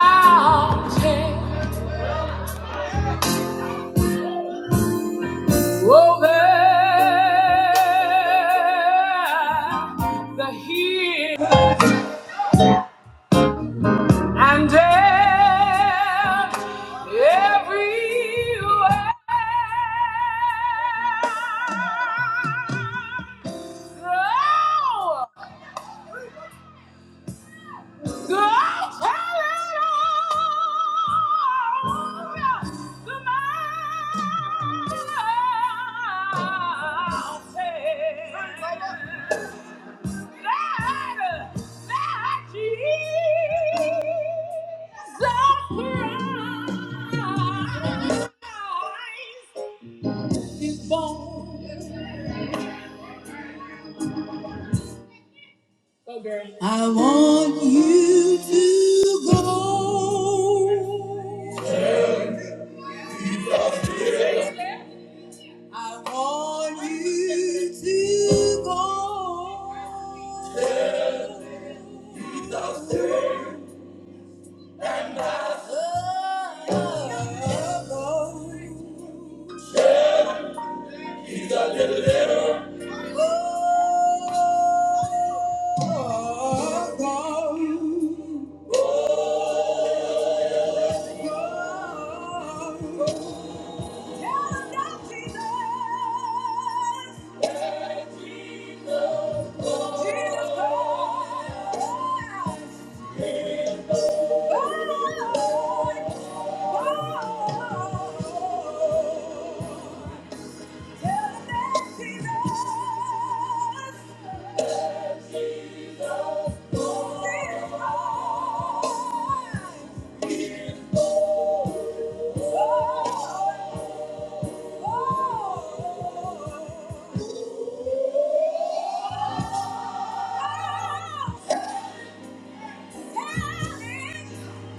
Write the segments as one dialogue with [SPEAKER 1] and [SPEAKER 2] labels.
[SPEAKER 1] mountains over the hill and down everywhere. through Go tell it all to mountain that- that Jesus Christ is born. I want you to go. I want you to go.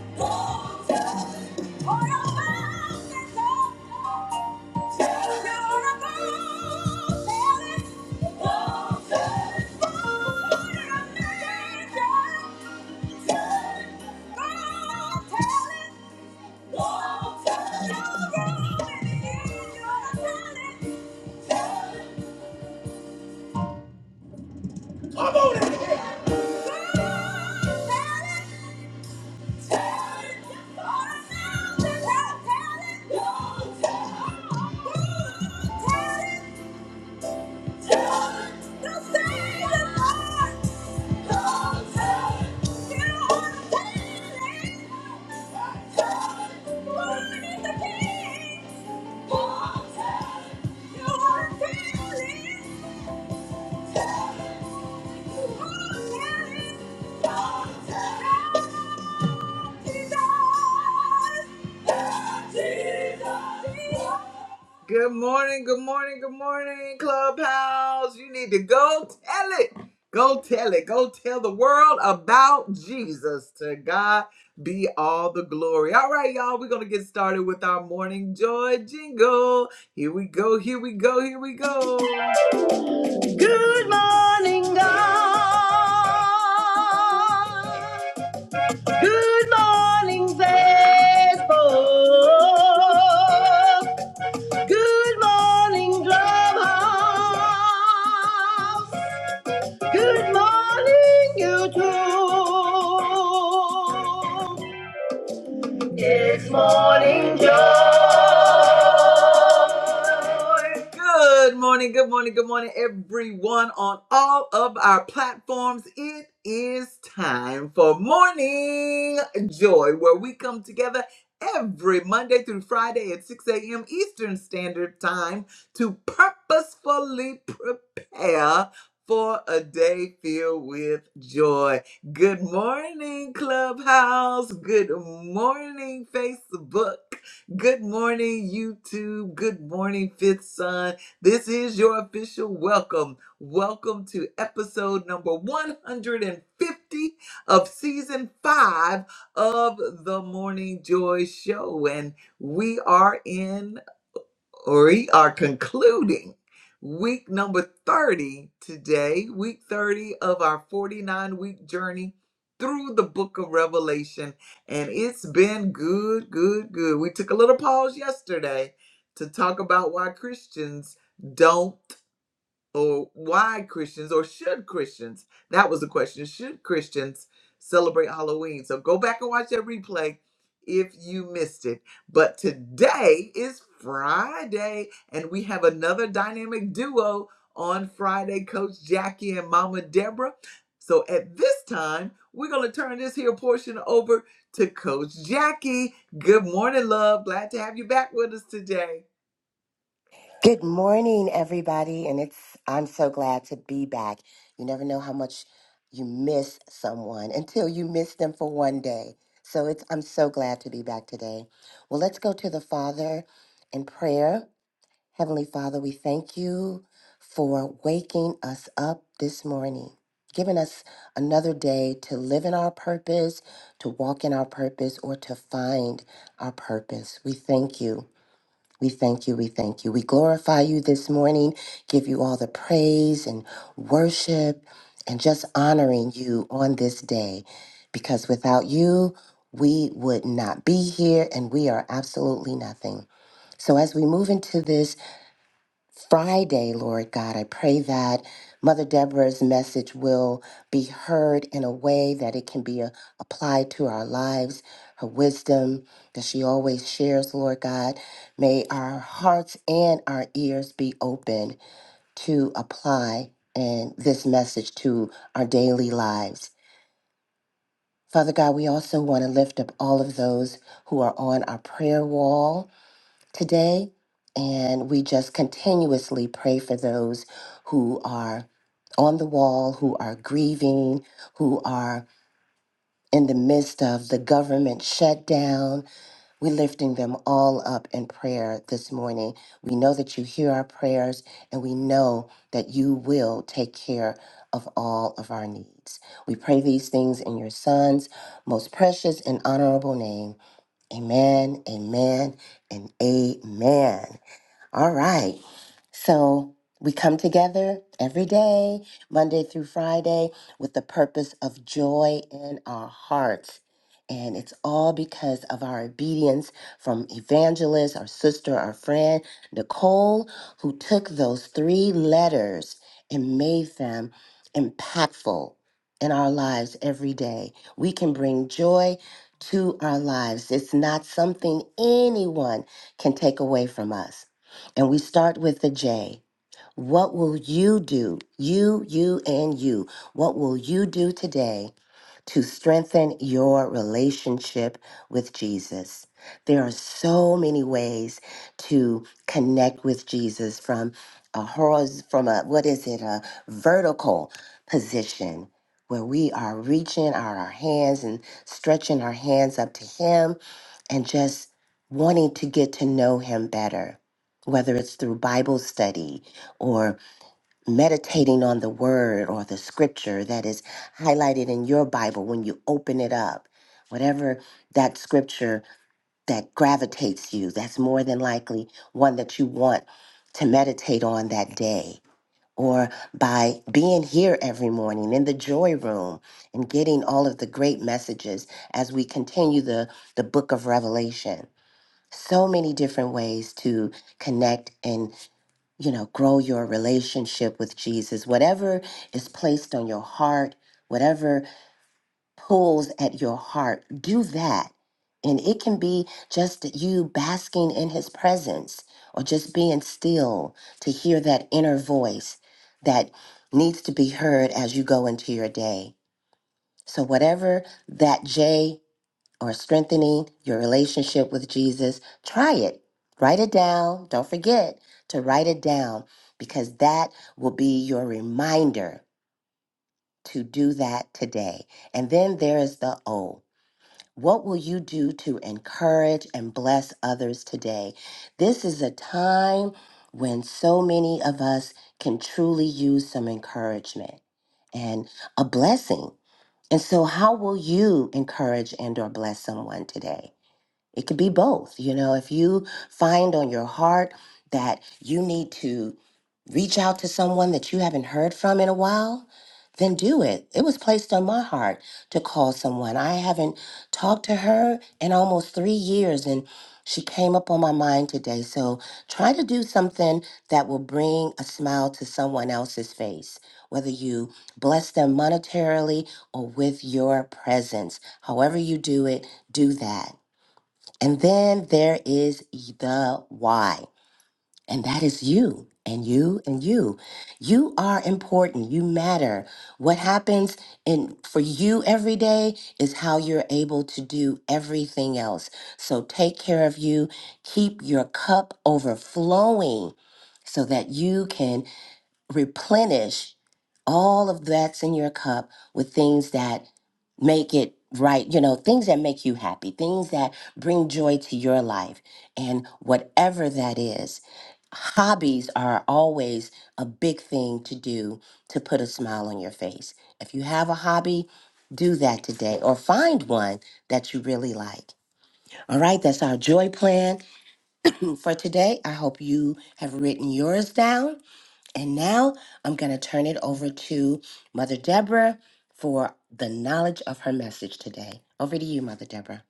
[SPEAKER 1] Go, go, go, go. Tell it! Jesus! Good morning, good morning, good morning, Clubhouse. You need to go tell it. Go tell it. Go tell the world about Jesus. To God be all the glory. All right, y'all, we're going to get started with our morning joy jingle. Here we go, here we go, here we go. Good morning, God. Good morning, faithful. Good morning, Clubhouse. Good morning, YouTube. It's morning, Joe. Good morning, good morning, good morning, everyone on all of our platforms. It is time for Morning Joy, where we come together every Monday through Friday at 6 a.m. Eastern Standard Time to purposefully prepare for a day filled with joy. Good morning, Clubhouse. Good morning, Facebook. Good morning, YouTube. Good morning, Fifth Son. This is your official welcome. Welcome to episode number 150 of season five of the Morning Joy Show. And we are in we are concluding week number 30 today, week 30 of our 49 week journey through the book of Revelation. And it's been good, good, good. We took a little pause yesterday to talk about why Christians don't or why Christians or should Christians? That was the question. Should Christians celebrate Halloween? So go back and watch that replay if you missed it. But today is Friday, and we have another dynamic duo on Friday Coach Jackie and Mama Deborah. So at this time, we're going to turn this here portion over to Coach Jackie. Good morning, love. Glad to have you back with us today.
[SPEAKER 2] Good morning, everybody. And it's, I'm so glad to be back. You never know how much you miss someone until you miss them for one day. So it's, I'm so glad to be back today. Well, let's go to the Father in prayer. Heavenly Father, we thank you for waking us up this morning, giving us another day to live in our purpose, to walk in our purpose, or to find our purpose. We thank you. We thank you. We thank you. We glorify you this morning, give you all the praise and worship, and just honoring you on this day because without you, we would not be here and we are absolutely nothing. So, as we move into this Friday, Lord God. I pray that Mother Deborah's message will be heard in a way that it can be uh, applied to our lives, her wisdom that she always shares, Lord God. May our hearts and our ears be open to apply and this message to our daily lives. Father God, we also want to lift up all of those who are on our prayer wall today, and we just continuously pray for those who are on the wall, who are grieving, who are in the midst of the government shutdown. We're lifting them all up in prayer this morning. We know that you hear our prayers, and we know that you will take care of all of our needs. We pray these things in your Son's most precious and honorable name. Amen, amen, and amen. All right. So we come together every day, Monday through Friday, with the purpose of joy in our hearts. And it's all because of our obedience from evangelist, our sister, our friend, Nicole, who took those three letters and made them impactful in our lives every day. We can bring joy to our lives. It's not something anyone can take away from us. And we start with the J. What will you do? You, you, and you. What will you do today? to strengthen your relationship with Jesus. There are so many ways to connect with Jesus from a horiz- from a what is it a vertical position where we are reaching out our hands and stretching our hands up to him and just wanting to get to know him better whether it's through bible study or meditating on the word or the scripture that is highlighted in your Bible when you open it up, whatever that scripture that gravitates you, that's more than likely one that you want to meditate on that day. Or by being here every morning in the joy room and getting all of the great messages as we continue the, the book of Revelation. So many different ways to connect and you know, grow your relationship with Jesus. Whatever is placed on your heart, whatever pulls at your heart, do that. And it can be just you basking in his presence or just being still to hear that inner voice that needs to be heard as you go into your day. So, whatever that J or strengthening your relationship with Jesus, try it. Write it down. Don't forget to write it down because that will be your reminder to do that today. And then there is the O. What will you do to encourage and bless others today? This is a time when so many of us can truly use some encouragement and a blessing. And so how will you encourage and or bless someone today? It could be both. You know, if you find on your heart that you need to reach out to someone that you haven't heard from in a while, then do it. It was placed on my heart to call someone. I haven't talked to her in almost three years, and she came up on my mind today. So try to do something that will bring a smile to someone else's face, whether you bless them monetarily or with your presence. However, you do it, do that. And then there is the why, and that is you and you and you. You are important. You matter. What happens in for you every day is how you're able to do everything else. So take care of you. Keep your cup overflowing so that you can replenish all of that's in your cup with things that make it right, you know, things that make you happy, things that bring joy to your life, and whatever that is. Hobbies are always a big thing to do to put a smile on your face. If you have a hobby, do that today or find one that you really like. All right, that's our joy plan for today. I hope you have written yours down and now I'm going to turn it over to Mother Deborah for the knowledge of her message today. Over to you, Mother Deborah.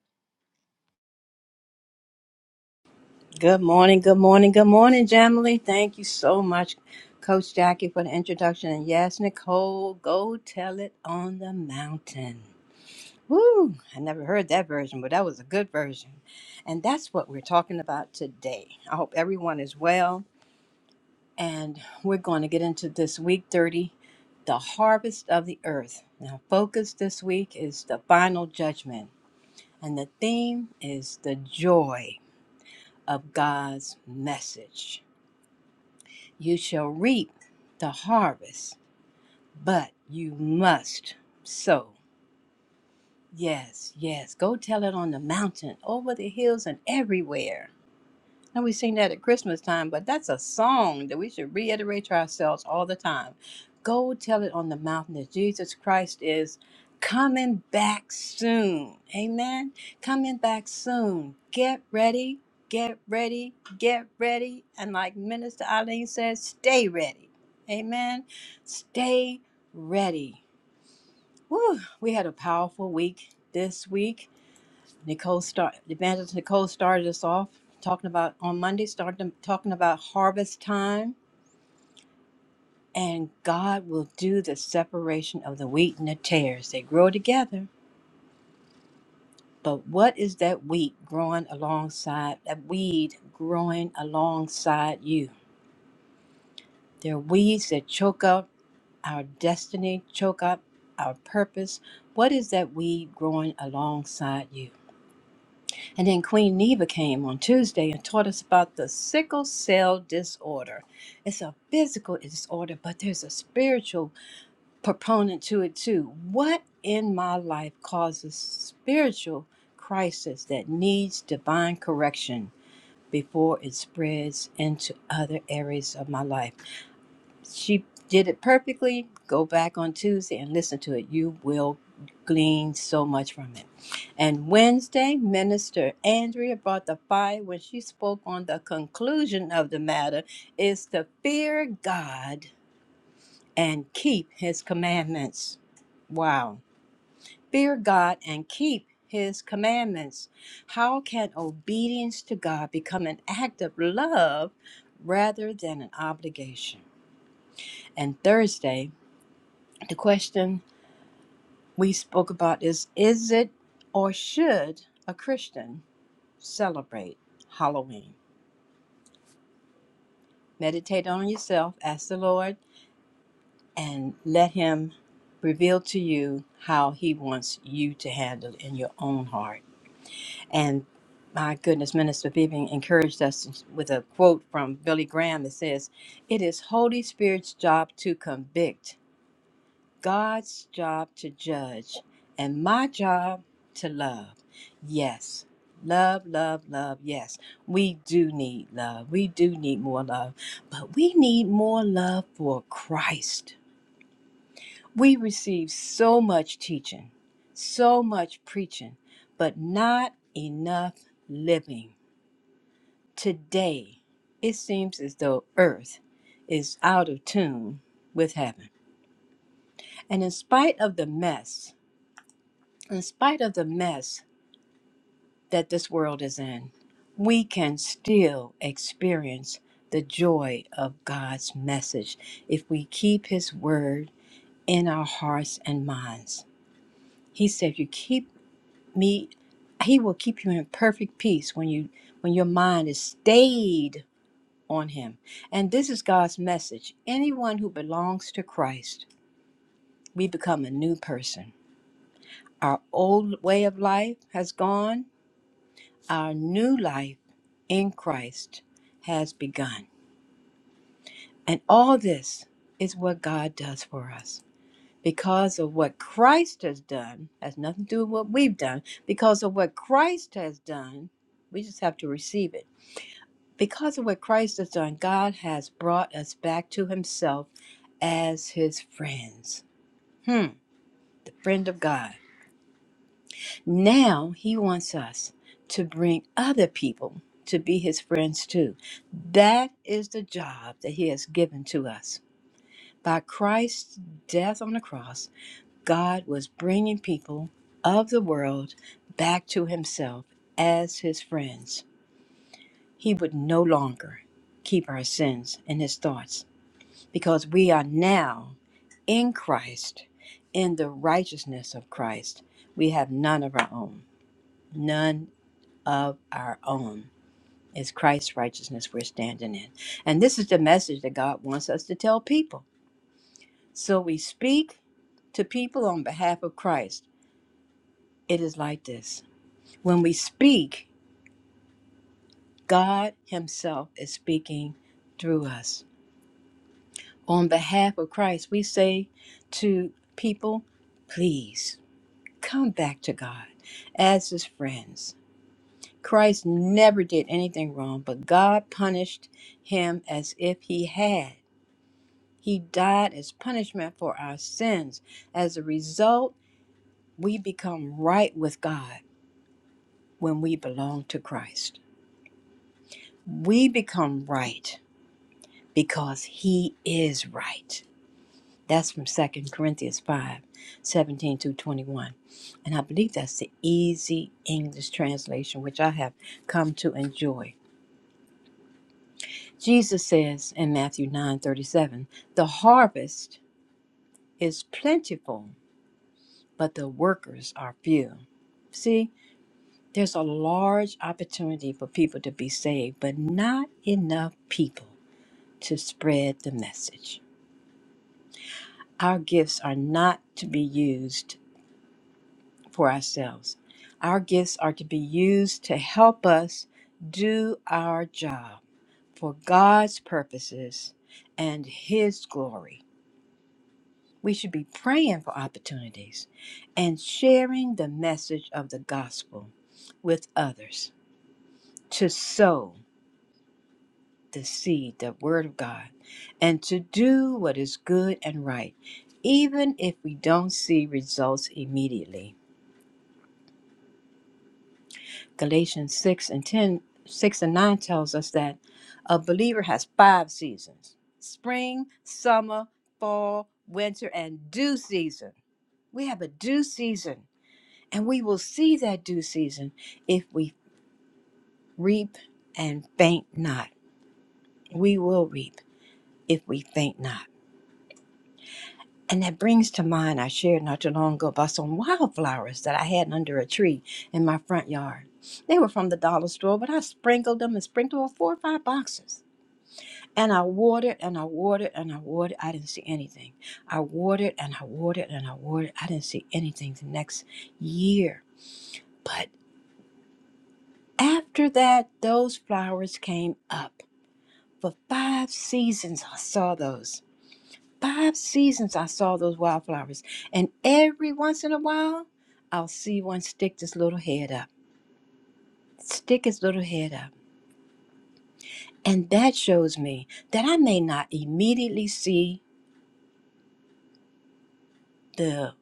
[SPEAKER 3] Good morning, good morning, good morning, Jamily. Thank you so much, Coach Jackie, for the introduction. And yes, Nicole, go tell it on the mountain. Woo! I never heard that version, but that was a good version. And that's what we're talking about today. I hope everyone is well. And we're going to get into this week 30, the harvest of the earth. Now, focus this week is the final judgment. And the theme is the joy of God's message. You shall reap the harvest, but you must sow. Yes, yes. Go tell it on the mountain, over the hills, and everywhere. Now we sing that at Christmas time, but that's a song that we should reiterate to ourselves all the time. Go tell it on the mountain that Jesus Christ is coming back soon. Amen. Coming back soon. Get ready, get ready, get ready. And like Minister Eileen says, stay ready. Amen. Stay ready. Whew, we had a powerful week this week Nicole start Evangelist Nicole started us off talking about on Monday, started talking about harvest time, and God will do the separation of the wheat and the tares. They grow together. But what is that wheat growing alongside that weed growing alongside you? There are weeds that choke up our destiny, choke up our purpose. What is that weed growing alongside you? And then Queen Neva came on Tuesday and taught us about the sickle cell disorder. It's a physical disorder, but there's a spiritual proponent to it too. What in my life causes spiritual crisis that needs divine correction before it spreads into other areas of my life? She did it perfectly. Go back on Tuesday and listen to it. You will glean so much from it. And Wednesday, Minister Andrea brought the fire when she spoke on the conclusion of the matter is to fear God and keep his commandments. Wow. Fear God and keep his commandments. How can obedience to God become an act of love rather than an obligation? And Thursday, The question we spoke about is Is it or should a Christian celebrate Halloween? Meditate on yourself, ask the Lord, and let Him reveal to you how He wants you to handle in your own heart. And my goodness, Minister Vivian encouraged us with a quote from Billy Graham that says, It is Holy Spirit's job to convict God's job to judge and my job to love. Yes. Love, love, love. Yes. We do need love. We do need more love. But we need more love for Christ. We receive so much teaching, so much preaching, but not enough living. Today, it seems as though earth is out of tune with heaven. And in spite of the mess, in spite of the mess that this world is in, we can still experience the joy of God's message if we keep His word in our hearts and minds. He said, "You keep me; He will keep you in perfect peace when you when your mind is stayed on Him." And this is God's message. Anyone who belongs to Christ, we become a new person. Our old way of life has gone Our new life in Christ has begun. And all this is what God does for us. Because of what Christ has done, has nothing to do with what we've done. Because of what Christ has done, we just have to receive it. Because of what Christ has done, God has brought us back to Himself as His friends. Hmm, the friend of God. Now he wants us to bring other people to be his friends too. That is the job that he has given to us. By Christ's death on the cross, God was bringing people of the world back to himself as his friends. He would no longer keep our sins in his thoughts because we are now in Christ, in the righteousness of Christ. We have none of our own, none of our own. It's Christ's righteousness we're standing in. And this is the message that God wants us to tell people. So we speak to people on behalf of Christ. It is like this when we speak, God Himself is speaking through us. On behalf of Christ, we say to people, please come back to God as His friends. Christ never did anything wrong, but God punished him as if he had. He died as punishment for our sins. As a result, we become right with God when we belong to Christ. We become right because He is right. That's from Second Corinthians five, seventeen 17 through 21. And I believe that's the easy English translation, which I have come to enjoy. Jesus says in Matthew 9 37, The harvest is plentiful, but the workers are few. See, There's a large opportunity for people to be saved, but not enough people to spread the message. Our gifts are not to be used for ourselves. Our gifts are to be used to help us do our job for God's purposes and His glory. We should be praying for opportunities and sharing the message of the gospel with others to sow the seed, the word of God, and to do what is good and right, even if we don't see results immediately. Galatians 6 and 10, 6 and 9 tells us that a believer has five seasons spring, summer, fall, winter, and due season. We have a due season, and we will see that due season if we reap and faint not. We will reap if we faint not. And that brings to mind, I shared not too long ago about some wildflowers that I had under a tree in my front yard. They were from the dollar store, but I sprinkled them and sprinkled them four or five boxes. And I watered and I watered and I watered. I didn't see anything. I watered and I watered and I watered. I didn't see anything the next year. But after that, those flowers came up. For five seasons, I saw those. Five seasons I saw those wildflowers, and every once in a while, I'll see one stick this little head up, stick its little head up. And that shows me that I may not immediately see the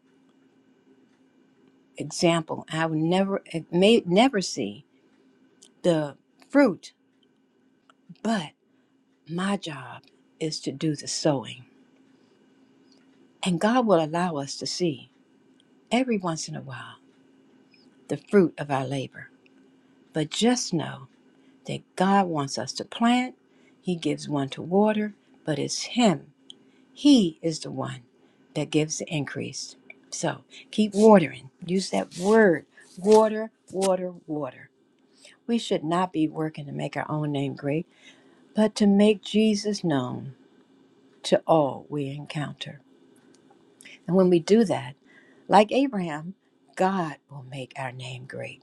[SPEAKER 3] example. I will never, eh, may never see the fruit, but my job is to do the sowing. And God will allow us to see every once in a while the fruit of our labor. But just know that God wants us to plant. He gives one to water, but it's Him. He is the one that gives the increase. So keep watering. Use that word water, water, water. We should not be working to make our own name great, but to make Jesus known to all we encounter. And when we do that, like Abraham, God will make our name great.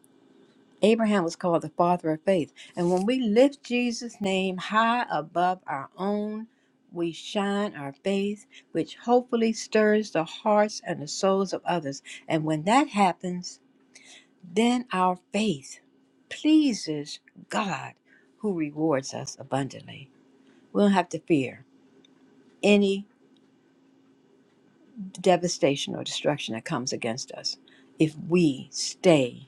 [SPEAKER 3] Abraham was called the father of faith. And when we lift Jesus' name high above our own, we shine our faith, which hopefully stirs the hearts and the souls of others. And when that happens, then our faith pleases God, who rewards us abundantly. We don't have to fear any devastation or destruction that comes against us if we stay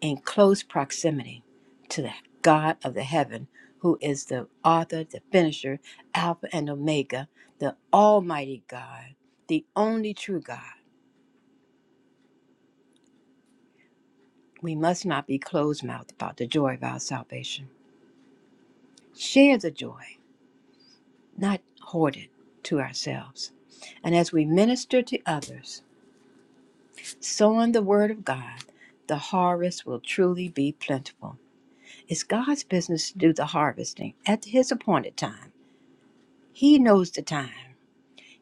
[SPEAKER 3] in close proximity to the God of the heaven, who is the author, the finisher, Alpha and Omega, the Almighty God, the only true God. We must not be closed mouthed about the joy of our salvation. Share the joy, not hoard it to ourselves. And as we minister to others, sowing the word of God, the harvest will truly be plentiful. It's God's business to do the harvesting at his appointed time. He knows the time.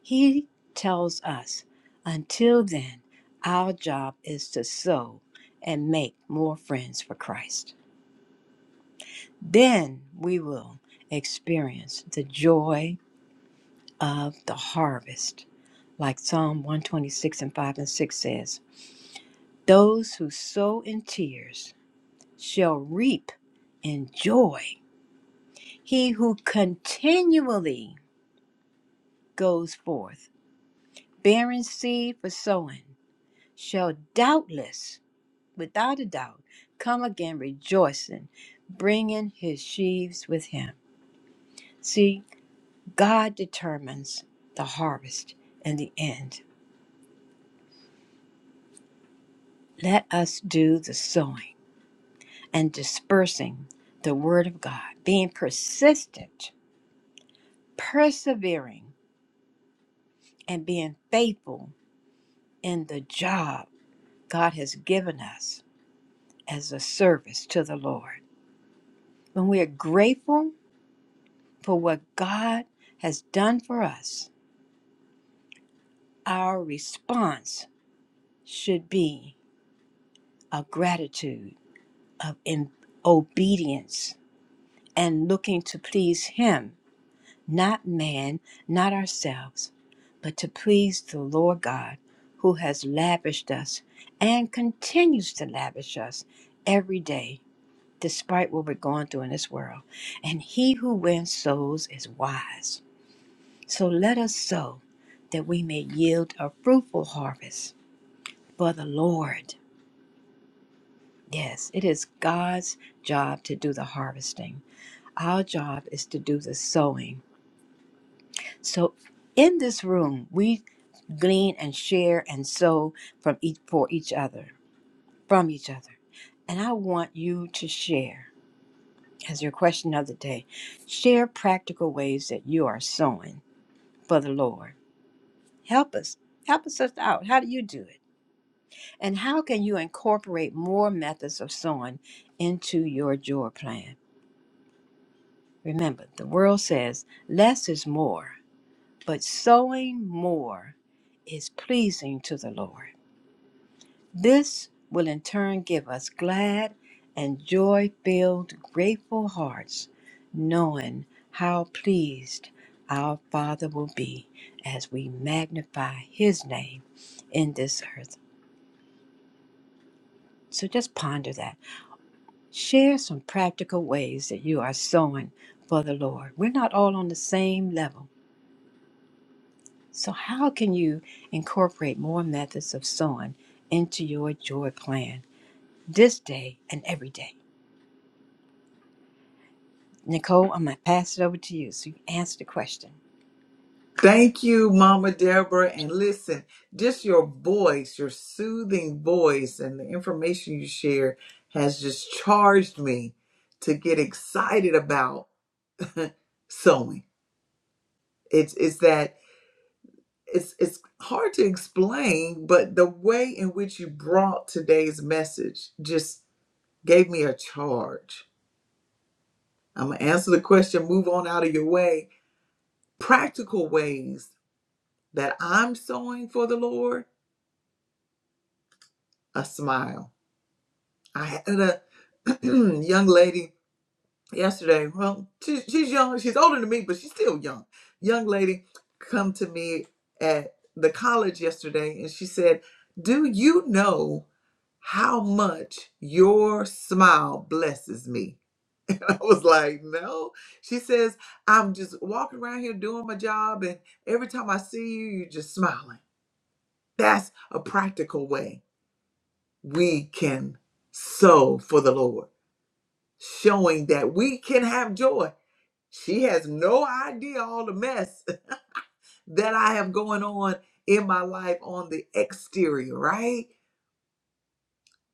[SPEAKER 3] He tells us, until then, our job is to sow and make more friends for Christ. Then we will experience the joy of the harvest. Like Psalm 126 and 5 and 6 says, Those who sow in tears shall reap in joy. He who continually goes forth, bearing seed for sowing, shall doubtless without a doubt, come again rejoicing, bringing his sheaves with him. See, God determines the harvest and the end. Let us do the sowing and dispersing the word of God, being persistent, persevering, and being faithful in the job God has given us as a service to the Lord. When we are grateful for what God has done for us, our response should be a gratitude of in obedience and looking to please him not man not ourselves but to please the lord god who has lavished us and continues to lavish us every day despite what we're going through in this world and he who wins souls is wise so let us sow that we may yield a fruitful harvest for the lord Yes, it is God's job to do the harvesting. Our job is to do the sowing. So in this room, we glean and share and sow from each for each other, from each other. And I want you to share as your question of the day. Share practical ways that you are sowing for the Lord. Help us. Help us out. How do you do it? And how can you incorporate more methods of sowing into your joy plan? Remember, the world says less is more, but sowing more is pleasing to the Lord. This will in turn give us glad and joy filled, grateful hearts, knowing how pleased our Father will be as we magnify His name in this earth. So just ponder that. Share some practical ways that you are sowing for the Lord. We're not all on the same level So, how can you incorporate more methods of sewing into your joy plan this day and every day? Nicole, I'm going to pass it over to you so you can answer the question.
[SPEAKER 1] Thank you, Mama Deborah. And listen, just your voice, your soothing voice, and the information you share has just charged me to get excited about sewing. It's it's that it's it's hard to explain, but the way in which you brought today's message just gave me a charge. I'm gonna answer the question, move on out of your way. Practical ways that I'm sewing for the Lord, a smile I had a young lady yesterday. Well, she, she's young. She's older than me, but she's still young. Young lady come to me at the college yesterday, and she said, "Do you know how much your smile blesses me?" I was like, "No." She says, "I'm just walking around here doing my job, and every time I see you, you're just smiling." That's a practical way we can sow for the Lord showing that we can have joy. She has no idea all the mess that I have going on in my life on the exterior, right?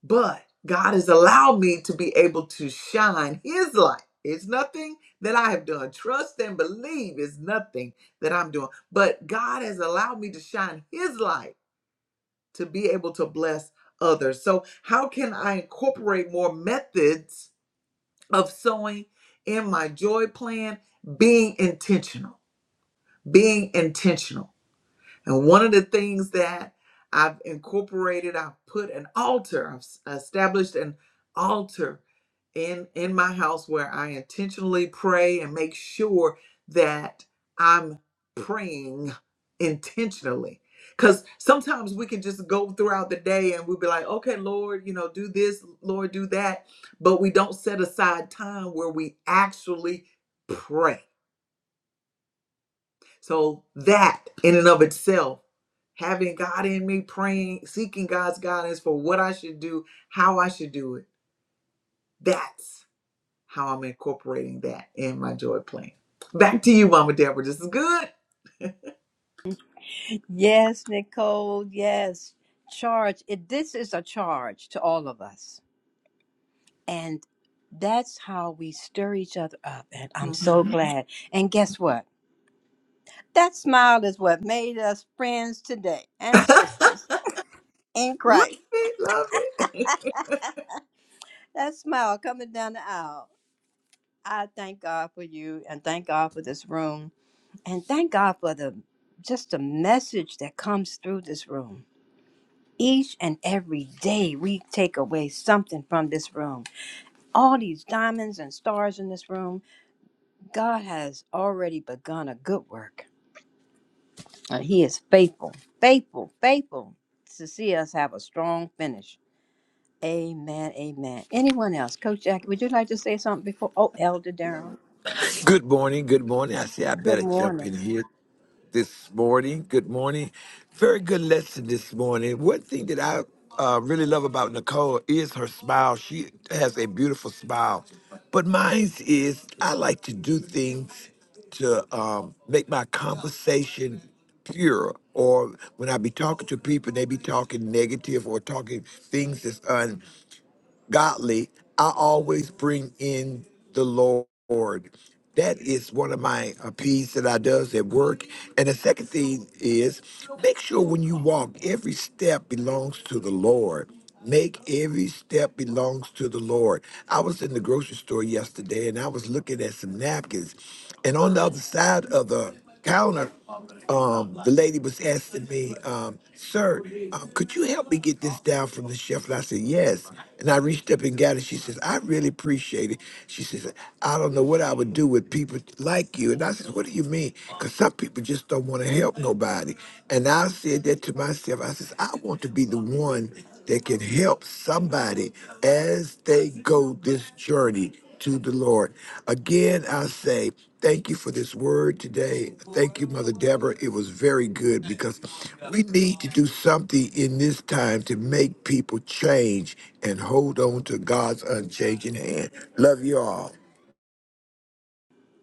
[SPEAKER 1] But God has allowed me to be able to shine His light. It's nothing that I have done. Trust and believe is nothing that I'm doing. But God has allowed me to shine His light to be able to bless others. So, how can I incorporate more methods? of sowing in my joy plan, being intentional, being intentional. And one of the things that I've incorporated, I've put an altar, I've established an altar in in my house where I intentionally pray and make sure that I'm praying intentionally. Cuz sometimes we can just go throughout the day and we'll be like, "Okay, Lord, you know, do this, Lord, do that," but we don't set aside time where we actually pray so that in and of itself, having God in me, praying, seeking God's guidance for what I should do, how I should do it, that's how I'm incorporating that in my joy plan. Back to you, Mama Deborah. This is good.
[SPEAKER 3] Yes, Nicole, yes. Charge. It, this is a charge to all of us. And that's how we stir each other up. And I'm so
[SPEAKER 1] Mhm.
[SPEAKER 3] glad. And guess what? That smile is what made us friends today and sisters in
[SPEAKER 1] Love
[SPEAKER 3] Christ.
[SPEAKER 1] it, love it.
[SPEAKER 3] That smile coming down the aisle. I thank God for you and thank God for this room and thank God for the just the message that comes through this room. Each and every day we take away something from this room. All these diamonds and stars in this room, God has already begun a good work. And he is faithful, faithful, faithful to see us have a strong finish. Amen. Amen. Anyone else? Coach Jackie, would you like to say something before? Oh, Elder Darrell.
[SPEAKER 4] Good morning. Good morning. I say I
[SPEAKER 3] Good
[SPEAKER 4] better jump in
[SPEAKER 3] morning.
[SPEAKER 4] here this morning. Good morning. Very good lesson this morning. One thing that I uh, really love about Nicole is her smile. She has a beautiful smile. But mine is I like to do things to um, make my conversation pure. Or when I be talking to people, they be talking negative or talking things that's godly, I always bring in the Lord. That is one of my uh, P's that I does at work. And the second thing is make sure when you walk, every step belongs to the Lord. Make every step belongs to the Lord. I was in the grocery store yesterday and I was looking at some napkins. And on the other side of the counter, um, the lady was asking me, um, "Sir, um, could you help me get this down from the chef?" And I said, "Yes." And I reached up and got it. She says, "I really appreciate it." She says, "I don't know what I would do with people like you." And I said, "What do you mean?" Because some people just don't want to help nobody. And I said that to myself. I says, "I want to be the one that can help somebody as they go this journey." to the Lord. Again, I say thank you for this word today. Thank you, Mother Deborah. It was very good because we need to do something in this time to make people change and hold on to God's unchanging hand. Love you all.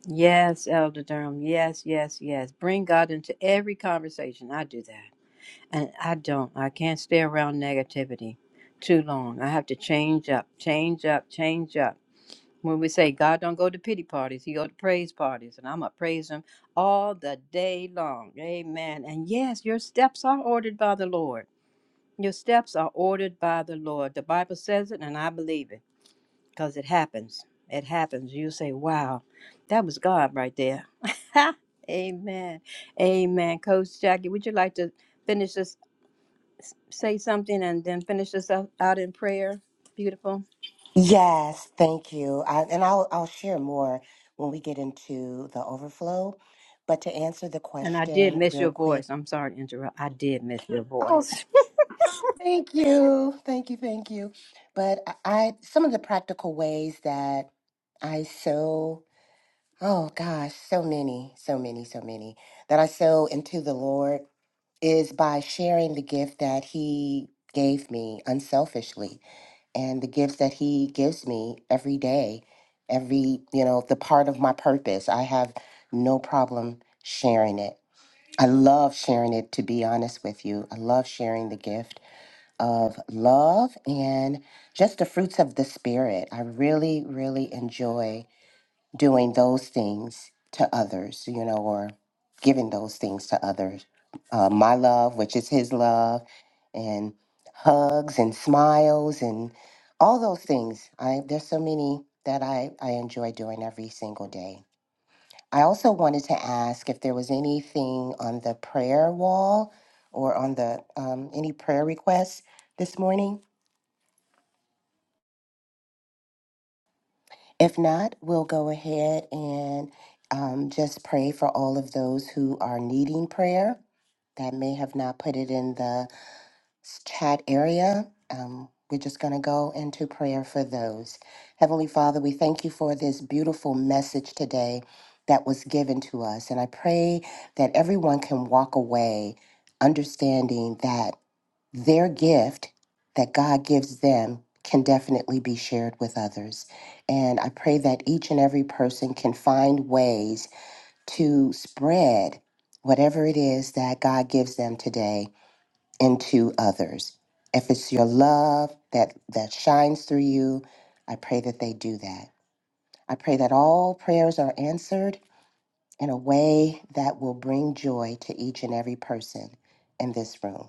[SPEAKER 3] Yes, Elder Durham. Yes, yes, yes. Bring God into every conversation. I do that. And I don't. I can't stay around negativity too long. I have to change up, change up, change up. When we say God don't go to pity parties, he go to praise parties, and I'm gonna praise him all the day long. Amen. And yes, your steps are ordered by the Lord. Your steps are ordered by the Lord. The Bible says it and I believe it because it happens. It happens. You say, wow, that was God right there. Amen. Amen. Coach Jackie, would you like to finish this, say something, and then finish this up, out in prayer? Beautiful.
[SPEAKER 2] Yes, thank you. I, and I'll I'll share more when we get into the overflow. But to answer the
[SPEAKER 3] And I did
[SPEAKER 2] question
[SPEAKER 3] miss
[SPEAKER 2] real
[SPEAKER 3] your
[SPEAKER 2] quick.
[SPEAKER 3] voice. I'm sorry to interrupt. I did miss your
[SPEAKER 2] Oh,
[SPEAKER 3] voice.
[SPEAKER 2] thank you. Thank you, thank you. But I, I some of the practical ways that I sow, oh gosh, so many, so many, so many that I sow into the Lord is by sharing the gift that he gave me unselfishly and the gifts that he gives me every day every you know the part of my purpose i have no problem sharing it i love sharing it to be honest with you i love sharing the gift of love and just the fruits of the spirit i really really enjoy doing those things to others, you know, or giving those things to others. Uh, my love, which is his love, and hugs and smiles and all those things. I there's so many that I, I enjoy doing every single day. I also wanted to ask if there was anything on the prayer wall or on the um, any prayer requests this morning. If not, we'll go ahead and um, just pray for all of those who are needing prayer that may have not put it in the s- chat area. Um, we're just going to go into prayer for those. Heavenly Father, we thank you for this beautiful message today that was given to us. And I pray that everyone can walk away understanding that their gift that God gives them can definitely be shared with others. And I pray that each and every person can find ways to spread whatever it is that God gives them today into others. If it's your love that, that shines through you, I pray that they do that. I pray that all prayers are answered in a way that will bring joy to each and every person in this room.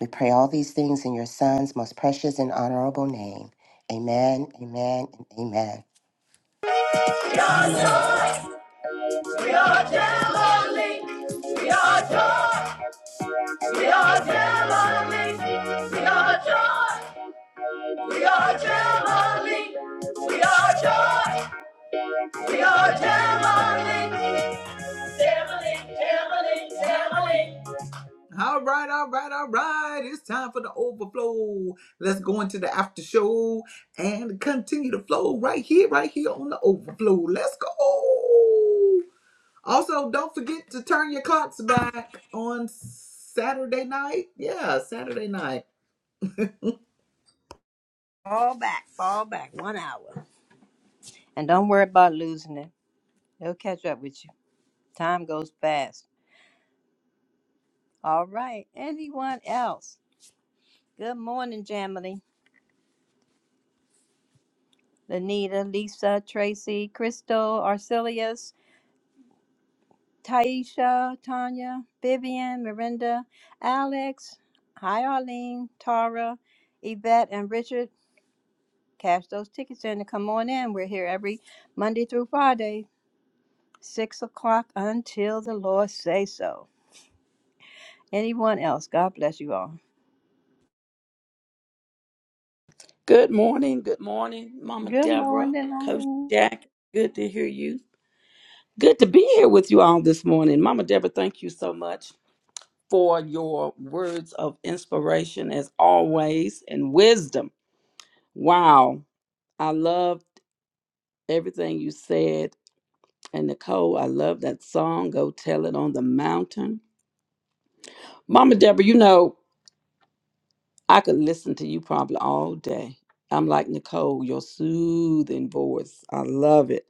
[SPEAKER 2] We pray all these things in your Son's most precious and honorable name. Amen, amen, and amen.
[SPEAKER 1] We are
[SPEAKER 3] Amen.
[SPEAKER 1] joy, we are family. We are joy, we are family. We are joy, we are family. We are joy. All right, all right, all right. It's time for the overflow. Let's go into the after show and continue the flow right here, right here on the overflow. Let's go. Also, don't forget to turn your clocks back on Saturday night. Yeah, Saturday night.
[SPEAKER 3] Fall back, fall back, one hour. And don't worry about losing it. They'll catch up with you. Time goes fast. All right. Anyone else? Good morning, Jamily. Lanita, Lisa, Tracy, Crystal, Arcelius, Taisha, Tanya, Vivian, Miranda, Alex, Hi Arlene, Tara, Yvette, and Richard. Cash those tickets in and come on in. We're here every Monday through Friday, 6 o'clock until the Lord say so. Anyone else? God bless you all.
[SPEAKER 5] Good morning. Good morning, Mama
[SPEAKER 3] Good
[SPEAKER 5] Deborah,
[SPEAKER 3] morning,
[SPEAKER 5] Coach
[SPEAKER 3] Arlene.
[SPEAKER 5] Jack. Good to hear you. Good to be here with you all this morning. Mama Deborah, thank you so much for your words of inspiration as always and wisdom. Wow. I loved everything you said. And Nicole, I love that song, Go Tell It on the Mountain. Mama Deborah, you know, I could listen to you probably all day. I'm like Nicole, your soothing voice. I love it.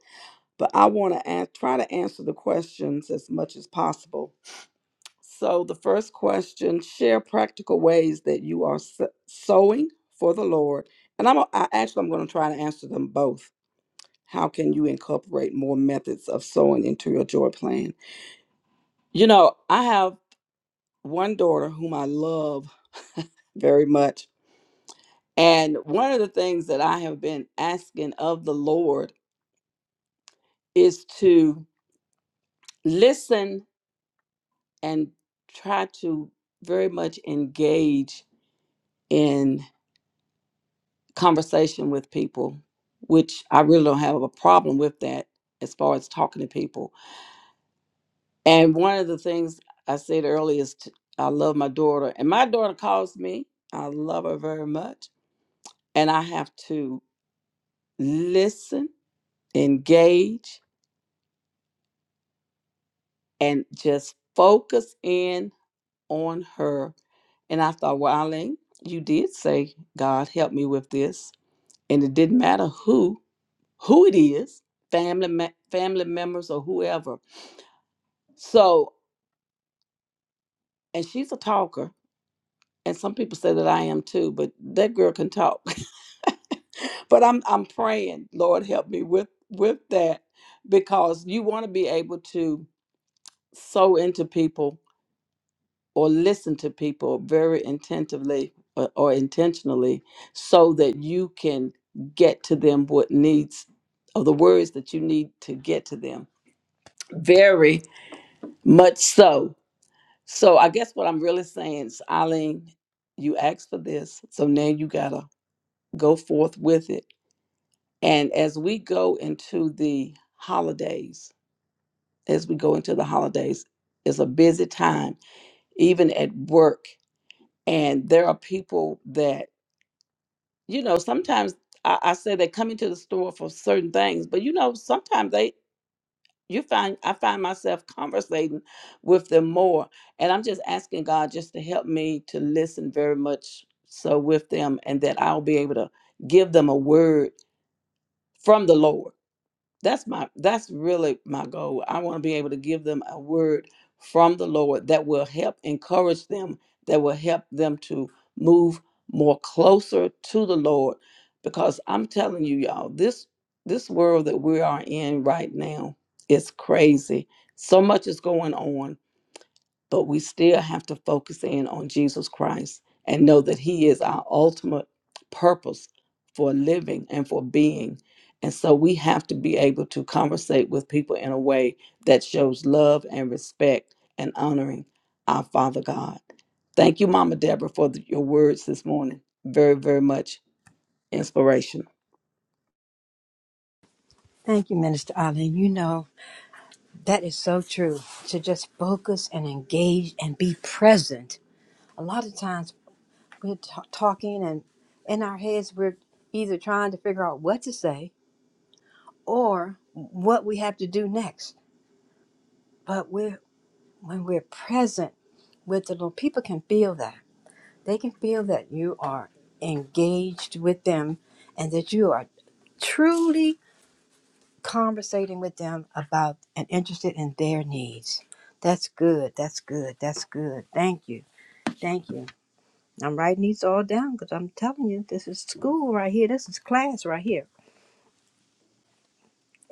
[SPEAKER 5] but I want to ask, try to answer the questions as much as possible. So, the first question share practical ways that you are s- sowing for the Lord. And I'm a- I, actually I'm going to try to answer them both. How can you incorporate more methods of sowing into your joy plan? You know, I have one daughter whom I love very much. And one of the things that I have been asking of the Lord is to listen and try to very much engage in conversation with people, which I really don't have a problem with that as far as talking to people. And one of the things I said earlier is t I I love my daughter, and my daughter calls me. I love her very much. And I have to listen, engage, and just focus in on her. And I thought, well, Eileen, you did say, God, help me with this and it didn't matter who who it is family me- family members or whoever so and she's a talker and some people say that i am too but that girl can talk but i'm i'm praying lord help me with with that because you want to be able to sow into people or listen to people very intentively or, or intentionally so that you can get to them what needs or the words that you need to get to them Very much so. So I guess what I'm really saying is, Eileen, you asked for this, so now you gotta go forth with it. And as we go into the holidays, as we go into the holidays, it's a busy time, even at work. And there are people that, you know, sometimes I, I say they come into the store for certain things, but you know, sometimes they you find I find myself conversating with them more. And I'm just asking God just to help me to listen very much so with them and that I'll be able to give them a word from the Lord that's my that's really my goal i want to be able to give them a word from the lord that will help encourage them that will help them to move more closer to the lord because i'm telling you y'all this this world that we are in right now is crazy so much is going on but we still have to focus in on Jesus Christ and know that He is our ultimate purpose for living and for being. And so we have to be able to conversate with people in a way that shows love and respect and honoring our Father God. Thank you, Mama Deborah, for the- your words this morning. Very, very much inspirational.
[SPEAKER 3] Thank you, Minister Ali. You know, that is so true. To just focus and engage and be present a lot of times we're ta talking and in our heads we're either trying to figure out what to say or what we have to do next but we're when we're present with the little people can feel that they can feel that you are engaged with them and that you are truly conversating with them about and interested in their needs that's good that's good that's good thank you thank you I'm writing these all down because I'm telling you, this is school right here. This is class right here.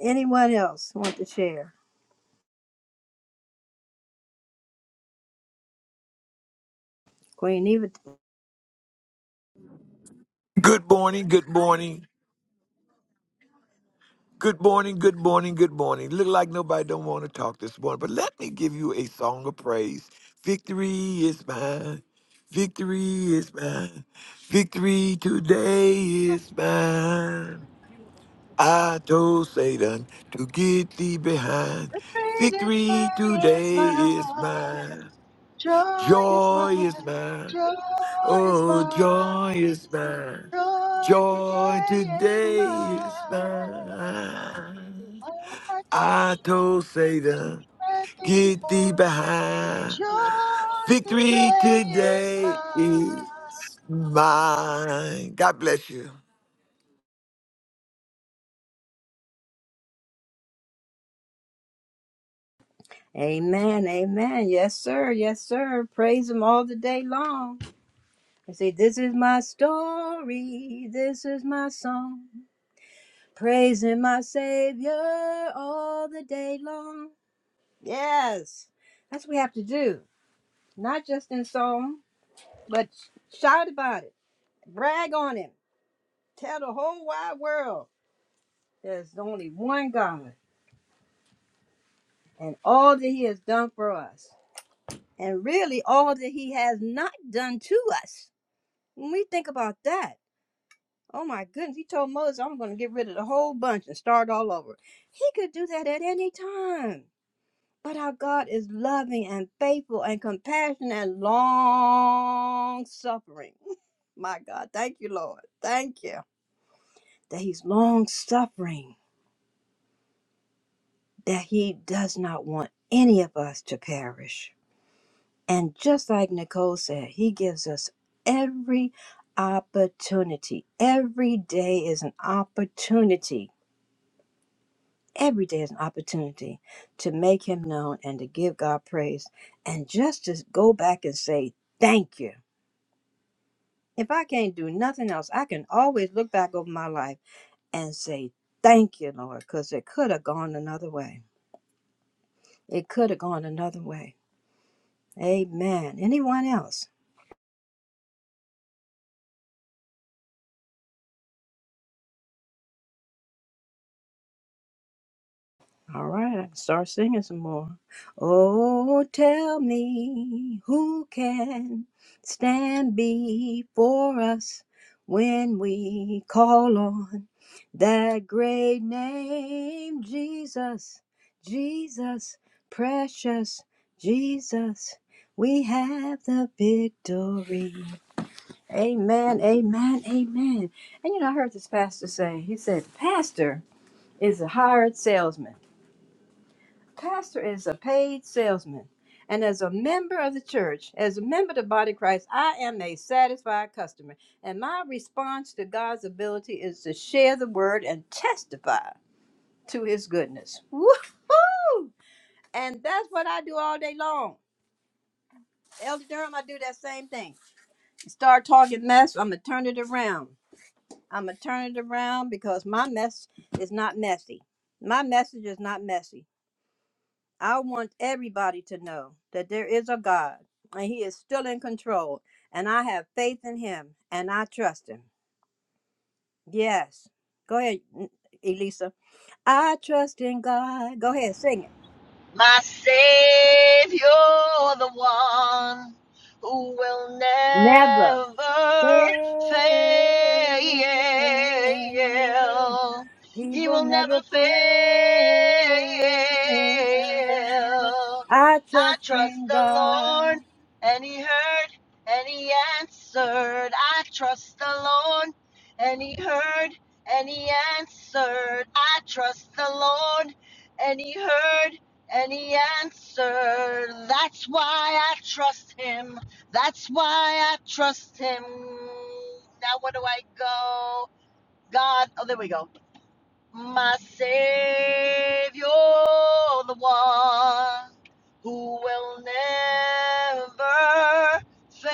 [SPEAKER 3] Anyone else want to share? Queen Eva.
[SPEAKER 4] Good morning. Good morning. Good morning, good morning, good morning. Look like nobody don't want to talk this morning, but let me give you a song of praise. Victory is mine. Victory is mine. Victory today is mine. I told Satan to get thee behind.
[SPEAKER 6] The greatest
[SPEAKER 4] Victory
[SPEAKER 6] day is
[SPEAKER 4] today is
[SPEAKER 6] mine.
[SPEAKER 4] mine.
[SPEAKER 6] Joy is
[SPEAKER 4] Joy is
[SPEAKER 6] mine.
[SPEAKER 4] mine.
[SPEAKER 6] Joy is
[SPEAKER 4] Oh, joy
[SPEAKER 6] mine.
[SPEAKER 4] is mine.
[SPEAKER 6] Joy
[SPEAKER 4] Joy
[SPEAKER 6] today is
[SPEAKER 4] today is
[SPEAKER 6] mine.
[SPEAKER 4] mine.
[SPEAKER 6] I hope I told
[SPEAKER 4] I
[SPEAKER 6] you
[SPEAKER 4] told
[SPEAKER 6] to
[SPEAKER 4] Satan,
[SPEAKER 6] let me
[SPEAKER 4] get thee
[SPEAKER 6] behold.
[SPEAKER 4] behind.
[SPEAKER 6] Joy
[SPEAKER 4] Victory
[SPEAKER 6] today is
[SPEAKER 4] today is
[SPEAKER 6] mine.
[SPEAKER 4] mine. God bless you.
[SPEAKER 3] Amen. Amen. Yes, sir. Yes, sir. Praise him all the day long. And say, This is my story. This is my song. Praising my Savior all the day long. Yes. That's what we have to do. Not just in song, but shout about it. Brag on him. Tell the whole wide world. There's only one God and all that He has done for us, and really all that He has not done to us. When we think about that, oh my goodness, He told Moses, I'm going to get rid of the whole bunch and start all over. He could do that at any time. But our God is loving and faithful and compassionate and long suffering. My God, thank you, Lord. Thank you that He's long suffering, that He does not want any of us to perish And just like Nicole said, he gives us every opportunity. Every day is an opportunity. Every day is an opportunity to make him known and to give God praise and just to go back and say, Thank you. If I can't do nothing else, I can always look back over my life and say, Thank you, Lord, because it could have gone another way. It could have gone another way. Amen. Anyone else? All right, I can start singing some more. Oh, tell me who can stand before us when we call on that great name, Jesus, Jesus, precious Jesus. We have the victory. Amen, amen, amen. And you know, I heard this pastor say, he said, Pastor is a hired salesman pastor is a paid salesman. And as a member of the church, as a member of the body of Christ, I am a satisfied customer. And my response to God's ability is to share the word and testify to his goodness. Woohoo! And that's what I do all day long. Elder Durham, I do that same thing. Start talking mess, I'm going to turn it around. I'm going to turn it around because my mess is not messy. My message is not messy. I want everybody to know that there is a God and He is still in control. And I have faith in Him and I trust Him. Yes. Go ahead, N- Elisa. I trust in God. Go ahead, sing it.
[SPEAKER 6] my Savior, the one who will
[SPEAKER 3] Never
[SPEAKER 6] never
[SPEAKER 3] fail.
[SPEAKER 6] fail.
[SPEAKER 3] He
[SPEAKER 6] He
[SPEAKER 3] will
[SPEAKER 6] will never
[SPEAKER 3] never
[SPEAKER 6] fail.
[SPEAKER 3] fail. I
[SPEAKER 6] I
[SPEAKER 3] trust
[SPEAKER 6] trust
[SPEAKER 3] in
[SPEAKER 6] the Lord,
[SPEAKER 3] God.
[SPEAKER 6] and He heard, and He answered. I trust the Lord, and He heard, and He answered. I trust the Lord, and He heard any answer. That's why I trust him. That's why I trust him. Now where do I go? God, oh there we go. My savior, the one who will never fail.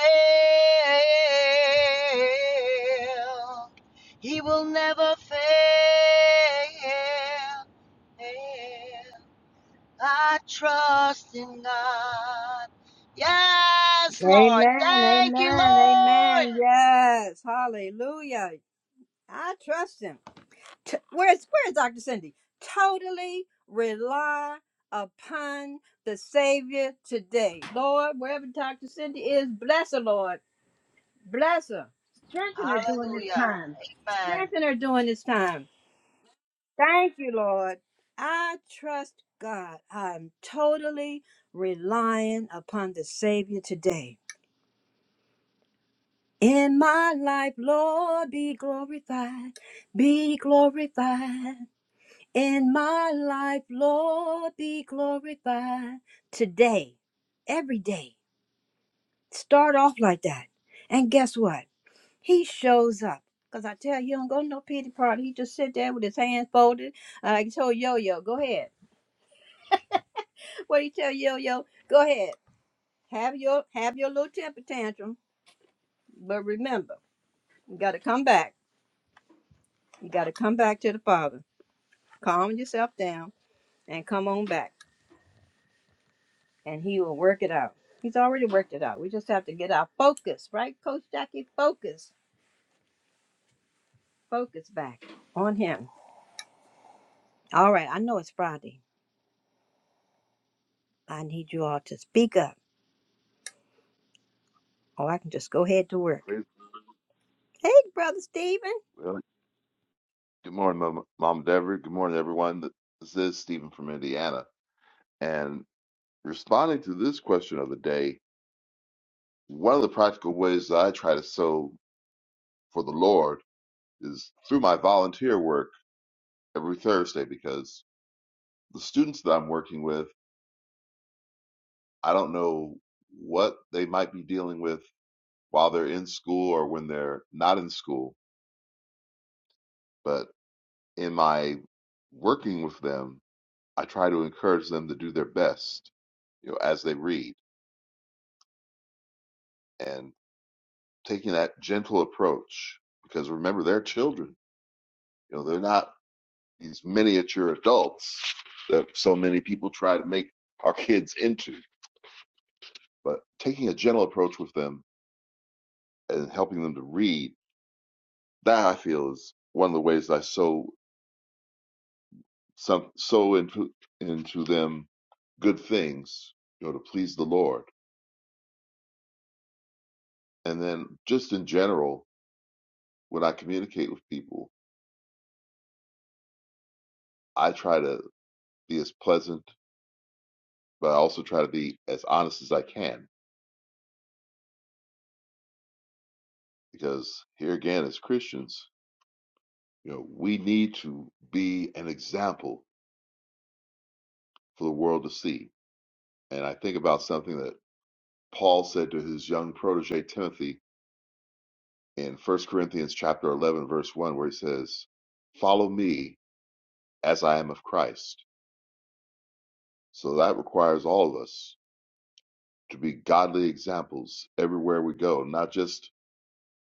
[SPEAKER 6] He will never fail. I trust in God. Yes, Lord.
[SPEAKER 3] Amen.
[SPEAKER 6] Thank you,
[SPEAKER 3] Amen.
[SPEAKER 6] Lord.
[SPEAKER 3] Amen. Yes. Hallelujah. I trust him. T- where's where's Dr. Cindy? Totally rely upon the Savior today. Lord, wherever Dr. Cindy is, bless her, Lord. Bless her. Strengthen her during this
[SPEAKER 6] Hallelujah.
[SPEAKER 3] time.
[SPEAKER 6] Amen.
[SPEAKER 3] Strengthen her during this time. Thank you, Lord. I trust God. I'm totally relying upon the Savior today. In my life, Lord, be glorified, be glorified. In my life, Lord, be glorified. Today, every day, start off like that. And guess what? He shows up. Because I tell you, he don't go to no pity party. He just sit there with his hands folded. I told Yo-Yo, go ahead. What do you tell Yo-Yo? Go ahead. Have your, have your little temper tantrum. But remember, you got to come back. You got to come back to the Father. Calm yourself down and come on back, and He will work it out. He's already worked it out. We just have to get our focus, right, Coach Jackie? Focus, focus back on Him. All right, I know it's Friday. I need you all to speak up, or I can just go ahead to work.
[SPEAKER 7] Praise
[SPEAKER 3] Hey, Brother Stephen.
[SPEAKER 7] well, Good morning, Mom, Mom Dever. Good morning, everyone. This is Stephen from Indiana. And responding to this question of the day, one of the practical ways that I try to sow for the Lord is through my volunteer work every Thursday because the students that I'm working with, I don't know what they might be dealing with while they're in school or when they're not in school. But in my working with them, I try to encourage them to do their best, you know, as they read and taking that gentle approach because remember they're children you know they're not these miniature adults that so many people try to make our kids into but taking a gentle approach with them and helping them to read that i feel is one of the ways that i sow some so into into them good things you know to please the lord and then just in general when i communicate with people i try to be as pleasant but I also try to be as honest as I can because here again, as Christians, you know, we need to be an example for the world to see. And I think about something that Paul said to his young protege Timothy in First Corinthians chapter 11 verse 1 where he says, "Follow me as I am of Christ." So that requires all of us to be godly examples everywhere we go, not just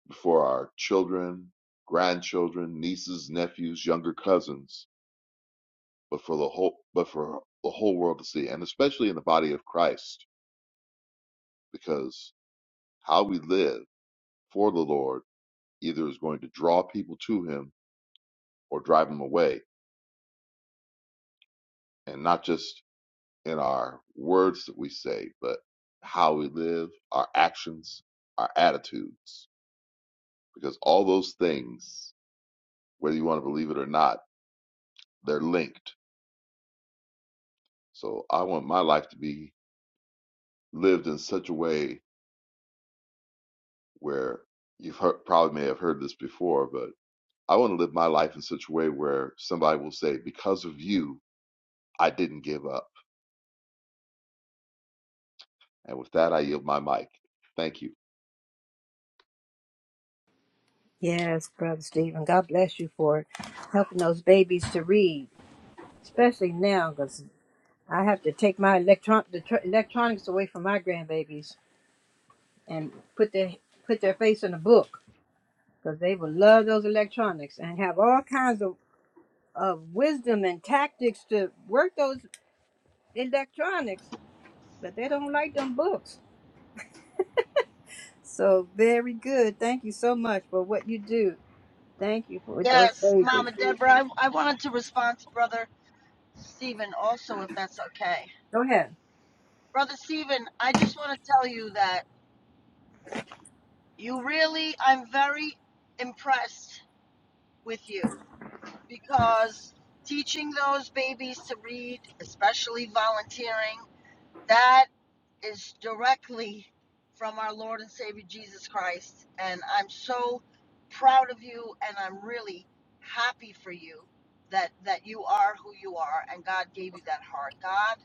[SPEAKER 7] before our children, grandchildren, nieces, nephews, younger cousins, but for the whole but for the whole world to see and especially in the body of Christ because how we live for the Lord either is going to draw people to him or drive them away and not just in our words that we say but how we live our actions our attitudes because all those things whether you want to believe it or not they're linked so I want my life to be lived in such a way where you've heard, probably may have heard this before but I want to live my life in such a way where somebody will say, because of you, I didn't give up. And with that, I yield my mic. Thank you.
[SPEAKER 3] Yes, Brother Stephen. God bless you for helping those babies to read, especially now, because I have to take my electron the tr- electronics away from my grandbabies and put their put their face in a book. because they will love those electronics and have all kinds of, of wisdom and tactics to work those electronics, but they don't like them books. So very good. Thank you so much for what you do. Thank you for those
[SPEAKER 6] Yes,
[SPEAKER 3] babies.
[SPEAKER 6] Mama Deborah, I, I wanted to respond to Brother Stephen also, if that's okay.
[SPEAKER 3] Go ahead.
[SPEAKER 6] Brother Stephen, I just want to tell you that you really, I'm very impressed with you because teaching those babies to read, especially volunteering, that is directly from our Lord and Savior Jesus Christ. And I'm so proud of you and I'm really happy for you that that you are who you are and God gave you that heart. God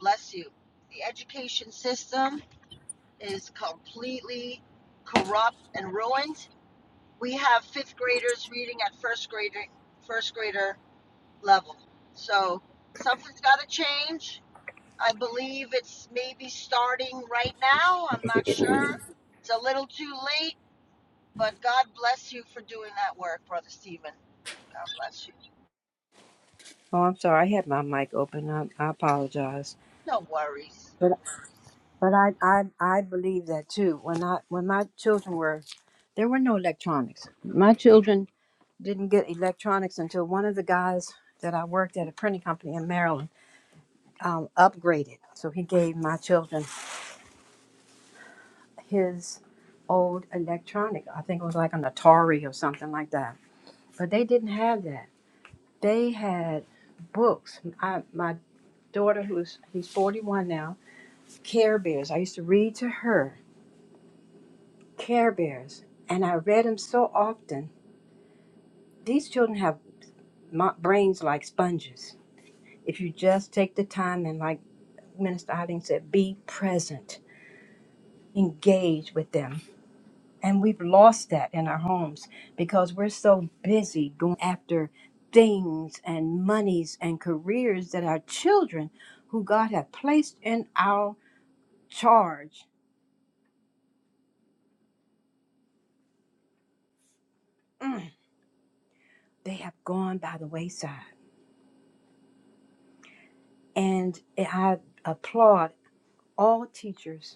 [SPEAKER 6] bless you. The education system is completely corrupt and ruined. We have fifth graders reading at first grader first grader level. So something's gotta change I believe it's maybe starting right now. I'm not sure. It's a little too late, but God bless you for doing that work, Brother Stephen. God bless you.
[SPEAKER 3] Oh, I'm sorry. I had my mic open. I, I apologize.
[SPEAKER 6] No worries.
[SPEAKER 3] But I, I, I believe that too. When I, when my children were, there were no electronics. My children didn't get electronics until one of the guys that I worked at a printing company in Maryland um, upgraded. So he gave my children his old electronic. I think it was like an Atari or something like that. But they didn't have that. They had books. I, my daughter, who's he's 41 now, Care Bears. I used to read to her Care Bears, and I read them so often. These children have mo- brains like sponges. If you just take the time and, like Minister Eileen said, be present, engage with them. And we've lost that in our homes because we're so busy going after things and monies and careers that our children, who God have placed in our charge, mm, they have gone by the wayside. And I applaud all teachers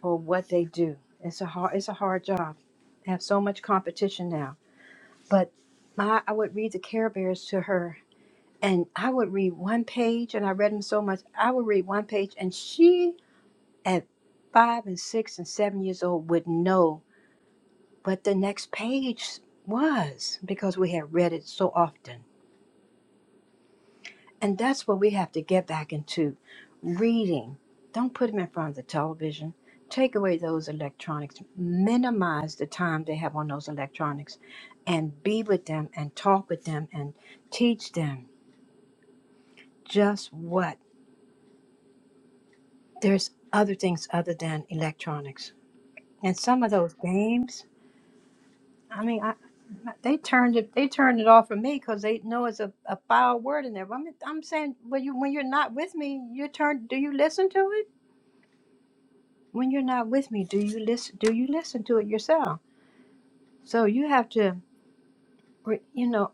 [SPEAKER 3] for what they do. It's a hard it's a hard job. They have so much competition now. But my I would read the Care Bears to her and I would read one page and I read them so much. I would read one page and she at five and six and seven years old would know what the next page was because we had read it so often And that's what we have to get back into reading. Don't put them in front of the television. Take away those electronics. Minimize the time they have on those electronics and be with them and talk with them and teach them just what there's other things other than electronics. And some of those games, I mean, I, they turned it they turned it off for me because they know it's a, a foul word in there. But I'm, I'm saying when you when you're not with me, you turn do you listen to it? when you're not with me do you listen do you listen to it yourself so you have to re- you know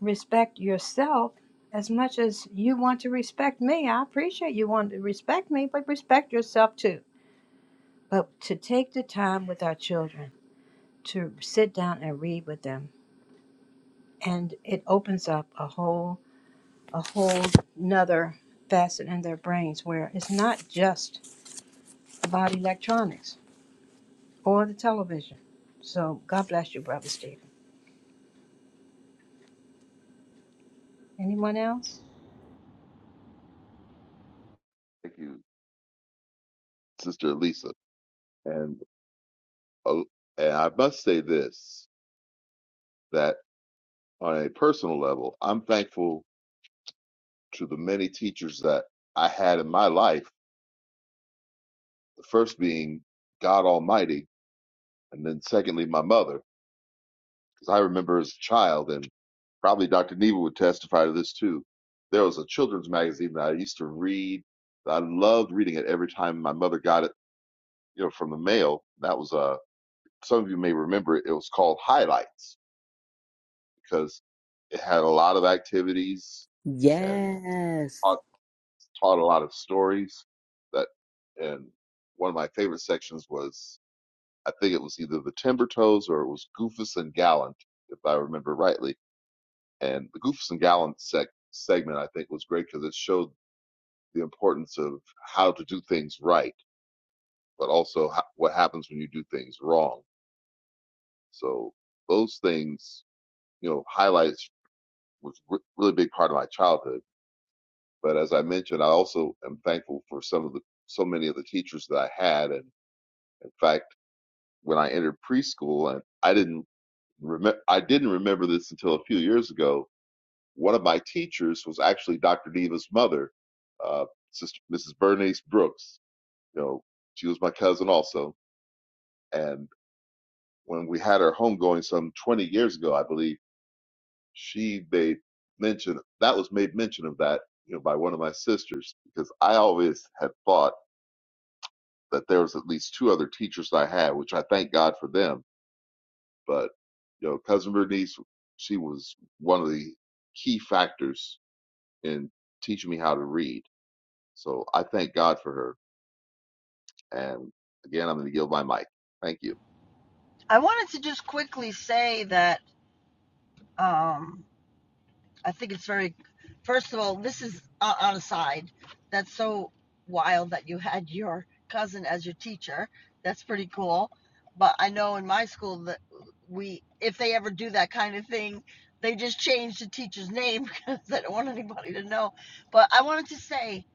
[SPEAKER 3] respect yourself as much as you want to respect me i appreciate you want to respect me but respect yourself too but to take the time with our children to sit down and read with them and it opens up a whole a whole nother facet in their brains where it's not just about electronics or the television so god bless you brother stephen anyone else
[SPEAKER 7] Thank you, Sister Lisa. And, oh, and I must say this that on a personal level, I'm thankful to the many teachers that I had in my life, the first being God Almighty, and then secondly, my mother. Because I remember as a child, and. probably Dr. Neva would testify to this too. There was a children's magazine that I used to read. I loved reading it every time my mother got it, you know, from the mail. That was uh some of you may remember it. It was called Highlights because it had a lot of activities and
[SPEAKER 8] Yes.
[SPEAKER 7] taught, taught a lot of stories. That and one of my favorite sections was I think it was either the Timber Toes or it was Goofus and Gallant, if I remember rightly. And the Goofus and Gallant sec- segment I think was great because it showed the importance of how to do things right, but also ho- what happens when you do things wrong. So those things, you know, highlights was re- really big part of my childhood. But as I mentioned, I also am thankful for some of the so many of the teachers that I had. And in fact, when I entered preschool, and I didn't remember, I didn't remember this until a few years ago. One of my teachers was actually Dr. Diva's mother, uh, Sister Mrs. Bernice Brooks. You know, she was my cousin also, and when we had her homegoing some 20 years ago, I believe, she made mention that was made mention of that, you know, by one of my sisters because I always had thought that there was at least two other teachers I had, which I thank God for them. But you know, cousin Bernice, she was one of the key factors in teaching me how to read. So I thank God for her. And again, I'm going to yield my mic. Thank you.
[SPEAKER 6] I wanted to just quickly say that. Um, I think it's very, first of all, this is uh, on a side. That's so wild that you had your cousin as your teacher. That's pretty cool. But I know in my school that we, if they ever do that kind of thing, they just change the teacher's name because they don't want anybody to know. But I wanted to say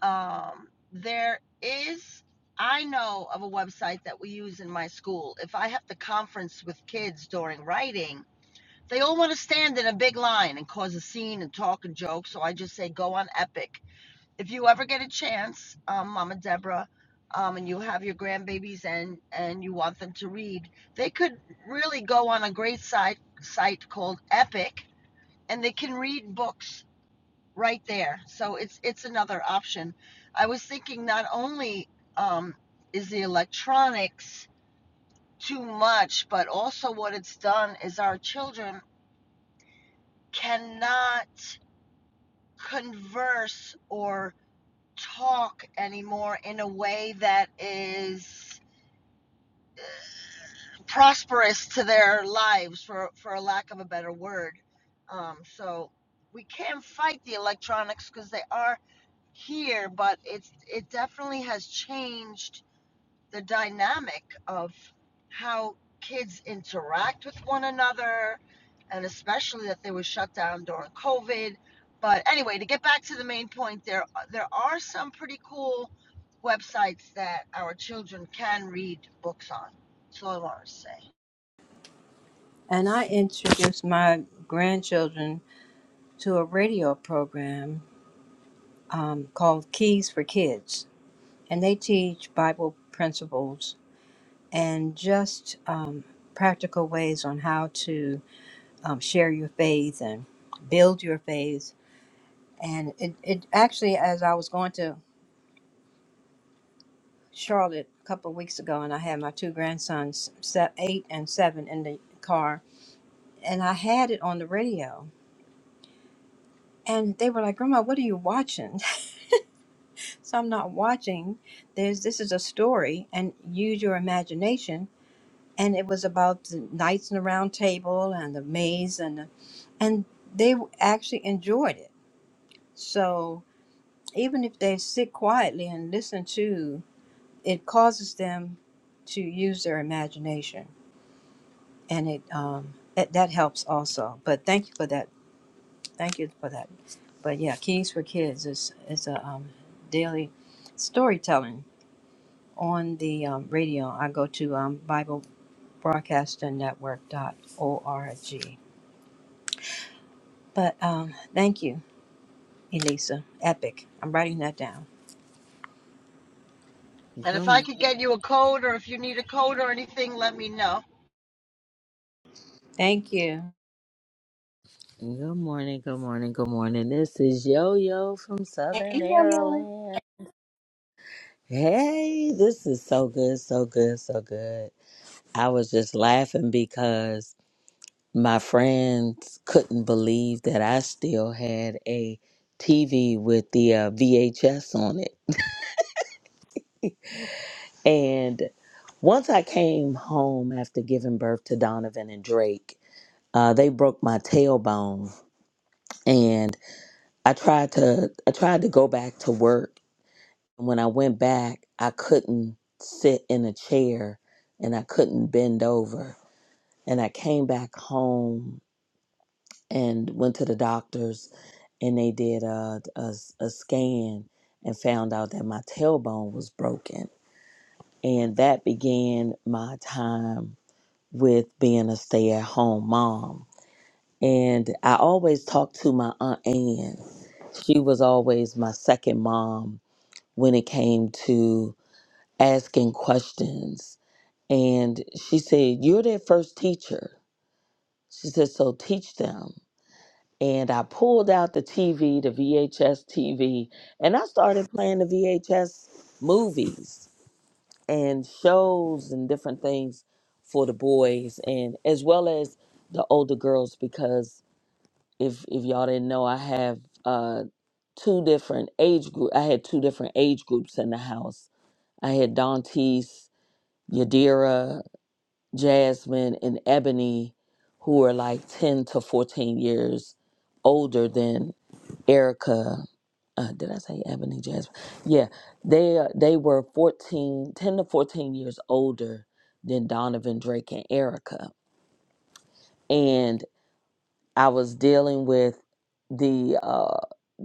[SPEAKER 6] um, there is, I know of a website that we use in my school. If I have to conference with kids during writing, they all want to stand in a big line and cause a scene and talk and joke. So I just say go on Epic. If you ever get a chance, um, Mama Deborah, um, and you have your grandbabies and and you want them to read, they could really go on a great site site called Epic, and they can read books right there. So it's it's another option. I was thinking not only um, is the electronics too much, but also what it's done is our children cannot converse or talk anymore in a way that is prosperous to their lives for for a lack of a better word um so we can fight the electronics because they are here but it's it definitely has changed the dynamic of how kids interact with one another, and especially that they were shut down during COVID. But anyway, to get back to the main point, there there are some pretty cool websites that our children can read books on. That's all I want to say.
[SPEAKER 3] and I introduced my grandchildren to a radio program um, called Keys for Kids, and they teach Bible principles and just um, practical ways on how to um, share your faith and build your faith. And it, it actually, as I was going to Charlotte a couple of weeks ago, and I had my two grandsons, se- eight and seven, in the car, and I had it on the radio. And they were like, Grandma, what are you watching? so I'm not watching. There's this is a story, and use your imagination. And it was about the knights in the round table and the maze, and the, and they actually enjoyed it. So even if they sit quietly and listen to, it causes them to use their imagination, and it um that, that helps also. But thank you for that. Thank you for that. But yeah, Keys for Kids is is a um, daily storytelling on the um, radio. I go to um, Bible Broadcaster Network.org. But um, thank you, Elisa. Epic. I'm writing that down.
[SPEAKER 6] And
[SPEAKER 8] Good
[SPEAKER 6] if I
[SPEAKER 8] morning.
[SPEAKER 6] could get you a code, or if you need a code or anything, let me know.
[SPEAKER 3] Thank you.
[SPEAKER 8] Good morning. Good morning. Good morning. This is Yo Yo from
[SPEAKER 3] Hey,
[SPEAKER 8] Southern
[SPEAKER 3] yo, yo.
[SPEAKER 8] Maryland. Hey, this is so good. So good. So good. I was just laughing because my friends couldn't believe that I still had a TV with the uh, VHS on it. And once I came home after giving birth to Donovan and Drake, uh, they broke my tailbone. I tried to I tried to go back to work. When I went back, I couldn't sit in a chair and I couldn't bend over. And I came back home and went to the doctors and they did a, a, a scan and found out that my tailbone was broken. And that began my time with being a stay at home mom. And I always talked to my Aunt Ann. She was always my second mom when it came to asking questions. And she said, You're their first teacher. She said, So teach them. And I pulled out the TV, the VHS TV, and I started playing the VHS movies and shows and different things for the boys and as well as the older girls because if if y'all didn't know I have uh two different age group I had two different age groups in the house. I had Dante's Yadira, Jasmine, and Ebony, who are like 10 to 14 years older than Erica. Uh, did I say Ebony, Jasmine? Yeah, they uh, they were 14, 10 to 14 years older than Donovan, Drake, and Erica. And I was dealing with the uh,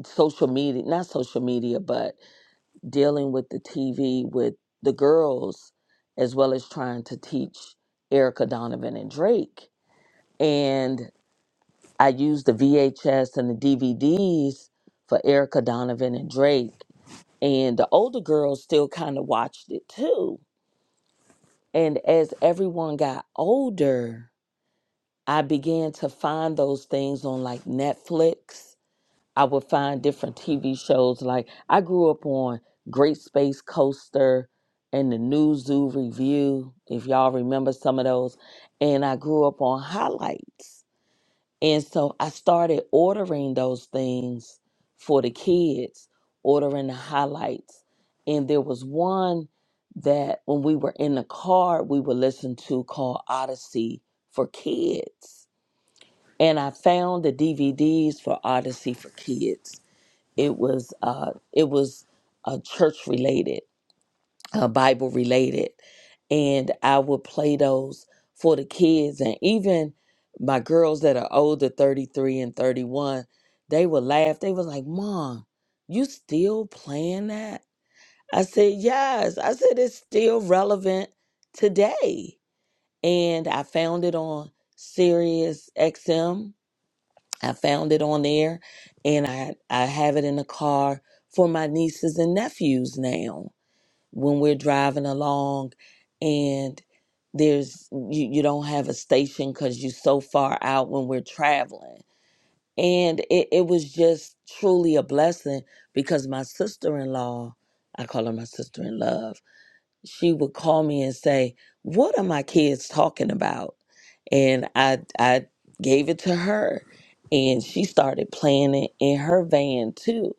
[SPEAKER 8] social media, not social media, but dealing with the TV with the girls, as well as trying to teach Erica Donovan and Drake. And I used the VHS and the DVDs for Erica Donovan and Drake. And the older girls still kind of watched it too. And as everyone got older, I began to find those things on like Netflix I would find different TV shows. Like I grew up on Great Space Coaster and the New Zoo Review, if y'all remember some of those. And I grew up on highlights. And so I started ordering those things for the kids, ordering the highlights. And there was one that when we were in the car, we would listen to called Odyssey for Kids. And I found the DVDs for Odyssey for Kids it was uh it was uh, church related uh, bible related and i would play those for the kids and even my girls that are older 33 and 31 they would laugh they was like mom you still playing that i said yes i said it's still relevant today and i found it on sirius xm I found it on there and I I have it in the car for my nieces and nephews now when we're driving along and there's you, you don't have a station because you're so far out when we're traveling. And it, it was just truly a blessing because my sister in law, I call her my sister in law she would call me and say, "What are my kids talking about?" And I I gave it to her, and she started playing it in her van too.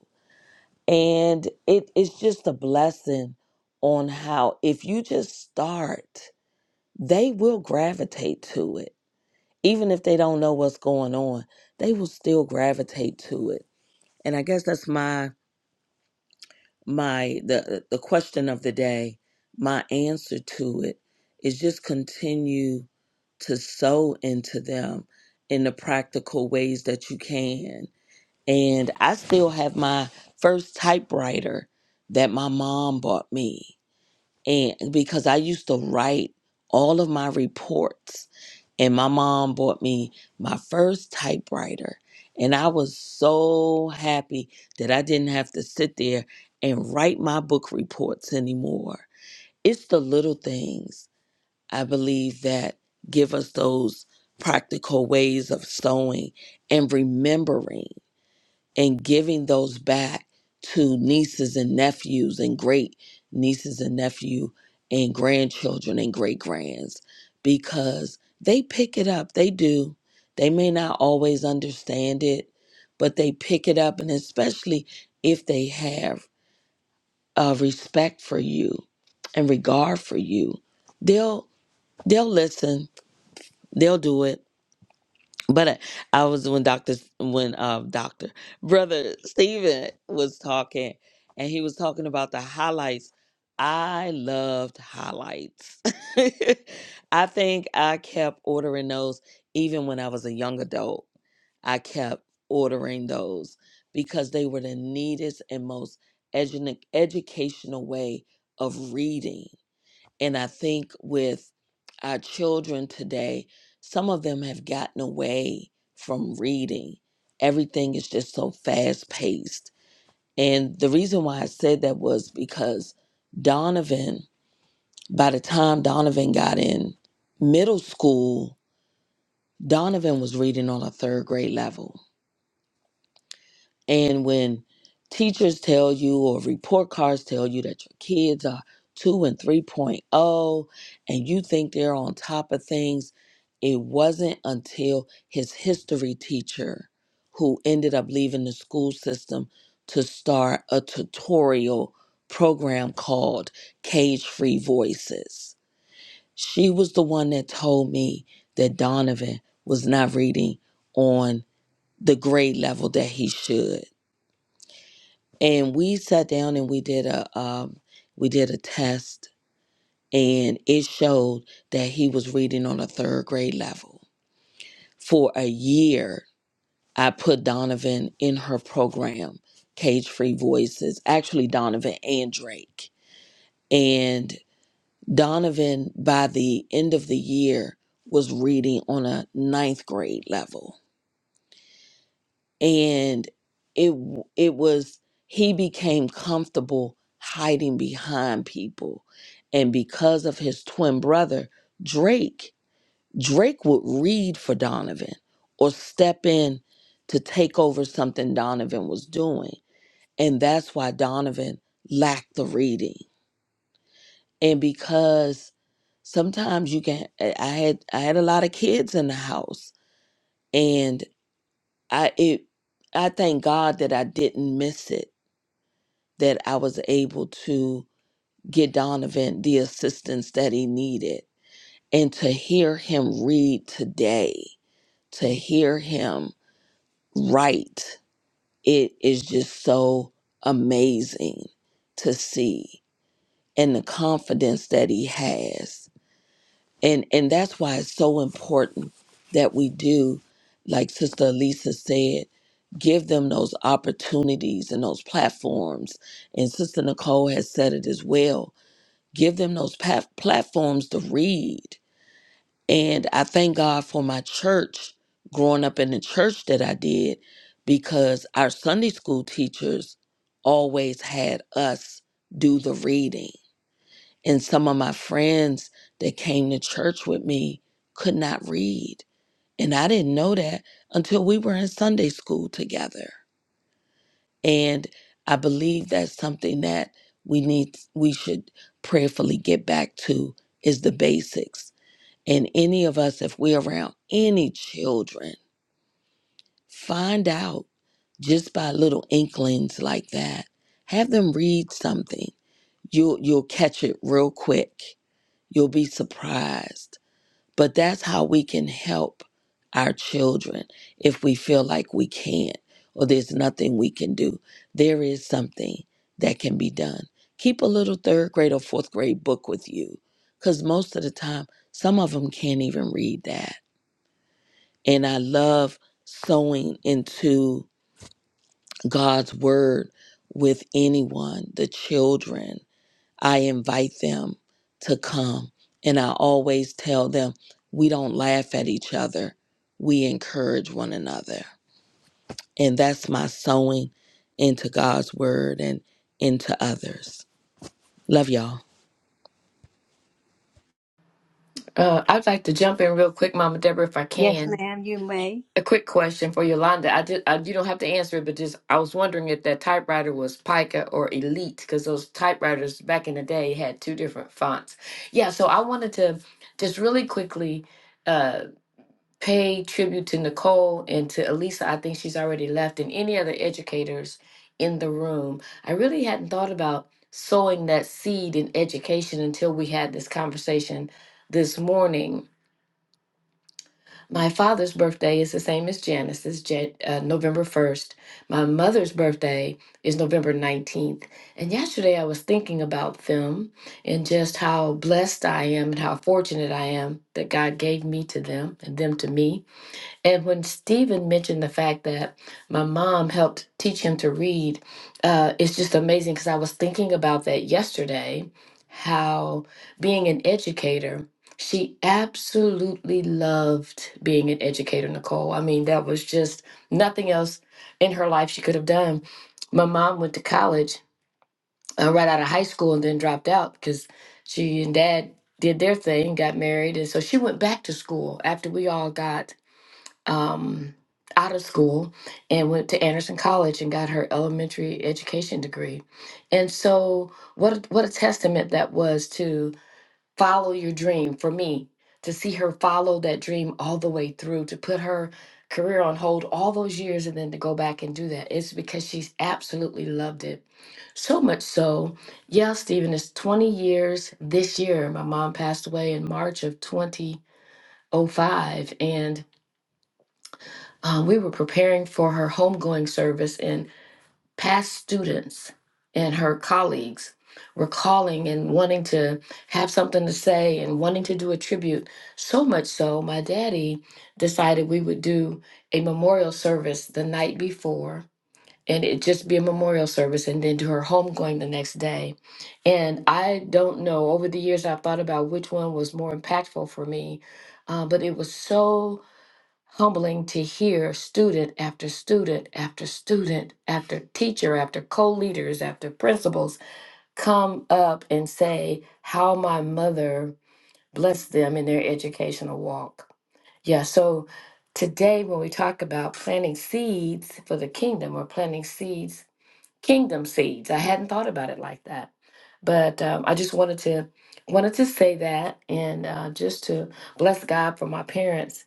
[SPEAKER 8] And it is just a blessing on how if you just start, they will gravitate to it. Even if they don't know what's going on, they will still gravitate to it. And I guess that's my my the the question of the day my answer to it is just continue to sow into them in the practical ways that you can and i still have my first typewriter that my mom bought me and because I used to write all of my reports and my mom bought me my first typewriter and I was so happy that I didn't have to sit there and write my book reports anymore. It's the little things I believe that give us those practical ways of sewing and remembering and giving those back to nieces and nephews and great nieces and nephew and grandchildren and great grands because they pick it up they do they may not always understand it but they pick it up and especially if they have uh, respect for you and regard for you they'll they'll listen they'll do it but I was when Doctor when um Doctor Brother Stephen was talking, and he was talking about the highlights. I loved highlights. I think I kept ordering those even when I was a young adult. I kept ordering those because they were the neatest and most edu- educational way of reading and I think with our children today, some of them have gotten away from reading. Everything is just so fast paced. And the reason why I said that was because Donovan, by the time Donovan got in middle school, Donovan was reading on a third grade level. And when teachers tell you or report cards tell you that your kids are 2 and 3.0 and you think they're on top of things, it wasn't until his history teacher who ended up leaving the school system to start a tutorial program called Cage Free Voices. She was the one that told me that Donovan was not reading on the grade level that he should and we sat down and we did a um, we did a test and it showed that he was reading on a third grade level for a year i put donovan in her program cage free voices actually donovan and drake and donovan by the end of the year was reading on a ninth grade level and it w- it was he became comfortable hiding behind people and because of his twin brother drake drake would read for donovan or step in to take over something donovan was doing and that's why donovan lacked the reading and because sometimes you can i I had i had a lot of kids in the house and i it i thank god that i didn't miss it that I was able to get Donovan the assistance that he needed. And to hear him read today, to hear him write, it is just so amazing to see and the confidence that he has. And and that's why it's so important that we do, like Sister Elisa said, give them those opportunities and those platforms. And Sister Nicole has said it as well give them those pa- platforms to read. And I thank God for my church, growing up in the church that I did, because our Sunday school teachers always had us do the reading. And some of my friends that came to church with me could not read. And I didn't know that until we were in Sunday school together. And I believe that's something that we need, we should prayerfully get back to is the basics. And any of us, if we're around any children, find out just by little inklings like that. Have them read something. You'll you'll catch it real quick. You'll be surprised but that's how we can help our children if we feel like we can't or there's nothing we can do. There is something that can be done. Keep a little third grade or fourth grade book with you because most of the time, some of them can't even read that. And I love sowing into God's word with anyone, the children. I invite them to come. And I always tell them, we don't laugh at each other, we encourage one another. And that's my sowing into God's word and into others. Love y'all.
[SPEAKER 9] Uh, I'd like to jump in real quick, Mama Deborah, if I
[SPEAKER 3] Yes,
[SPEAKER 9] can.
[SPEAKER 3] ma'am, you may.
[SPEAKER 9] A quick question for Yolanda. I did. I, you don't have to answer it, but just I was wondering if that typewriter was Pica or Elite, because those typewriters back in the day had two different fonts. Yeah. So I wanted to just really quickly uh, pay tribute to Nicole and to Elisa. I think she's already left, and any other educators in the room. I really hadn't thought about sowing that seed in education until we had this conversation this morning my father's birthday is the same as Janice's, Jan- uh, November 1st. My mother's birthday is November 19th. And yesterday I was thinking about them and just how blessed I am and how fortunate I am that God gave me to them and them to me. And when Stephen mentioned the fact that my mom helped teach him to read, uh, it's just amazing because I was thinking about that yesterday how being an educator, she absolutely loved being an educator, Nicole. I mean, that was just nothing else in her life she could have done. My mom went to college uh, right out of high school and then dropped out because she and dad did their thing, got married. And so she went back to school after we all got um, out of school and went to Anderson College and got her elementary education degree. And so, what a, what a testament that was to follow your dream for me to see her follow that dream all the way through to put her career on hold all those years and then to go back and do that it's because she's absolutely loved it so much so yeah stephen it's 20 years this year my mom passed away in march of 2005 and uh, we were preparing for her homegoing service, and past students and her colleagues were calling and wanting to have something to say and wanting to do a tribute. So much so, my daddy decided we would do a memorial service the night before. And it just be a memorial service and then do her homegoing the next day. And I don't know, over the years, I've thought about which one was more impactful for me, uh, but it was so humbling to hear student after student after student after teacher after co-leaders after principals come up and say how my mother blessed them in their educational walk yeah so today when we talk about planting seeds for the kingdom or planting seeds kingdom seeds i hadn't thought about it like that but um, i just wanted to wanted to say that and uh, just to bless god for my parents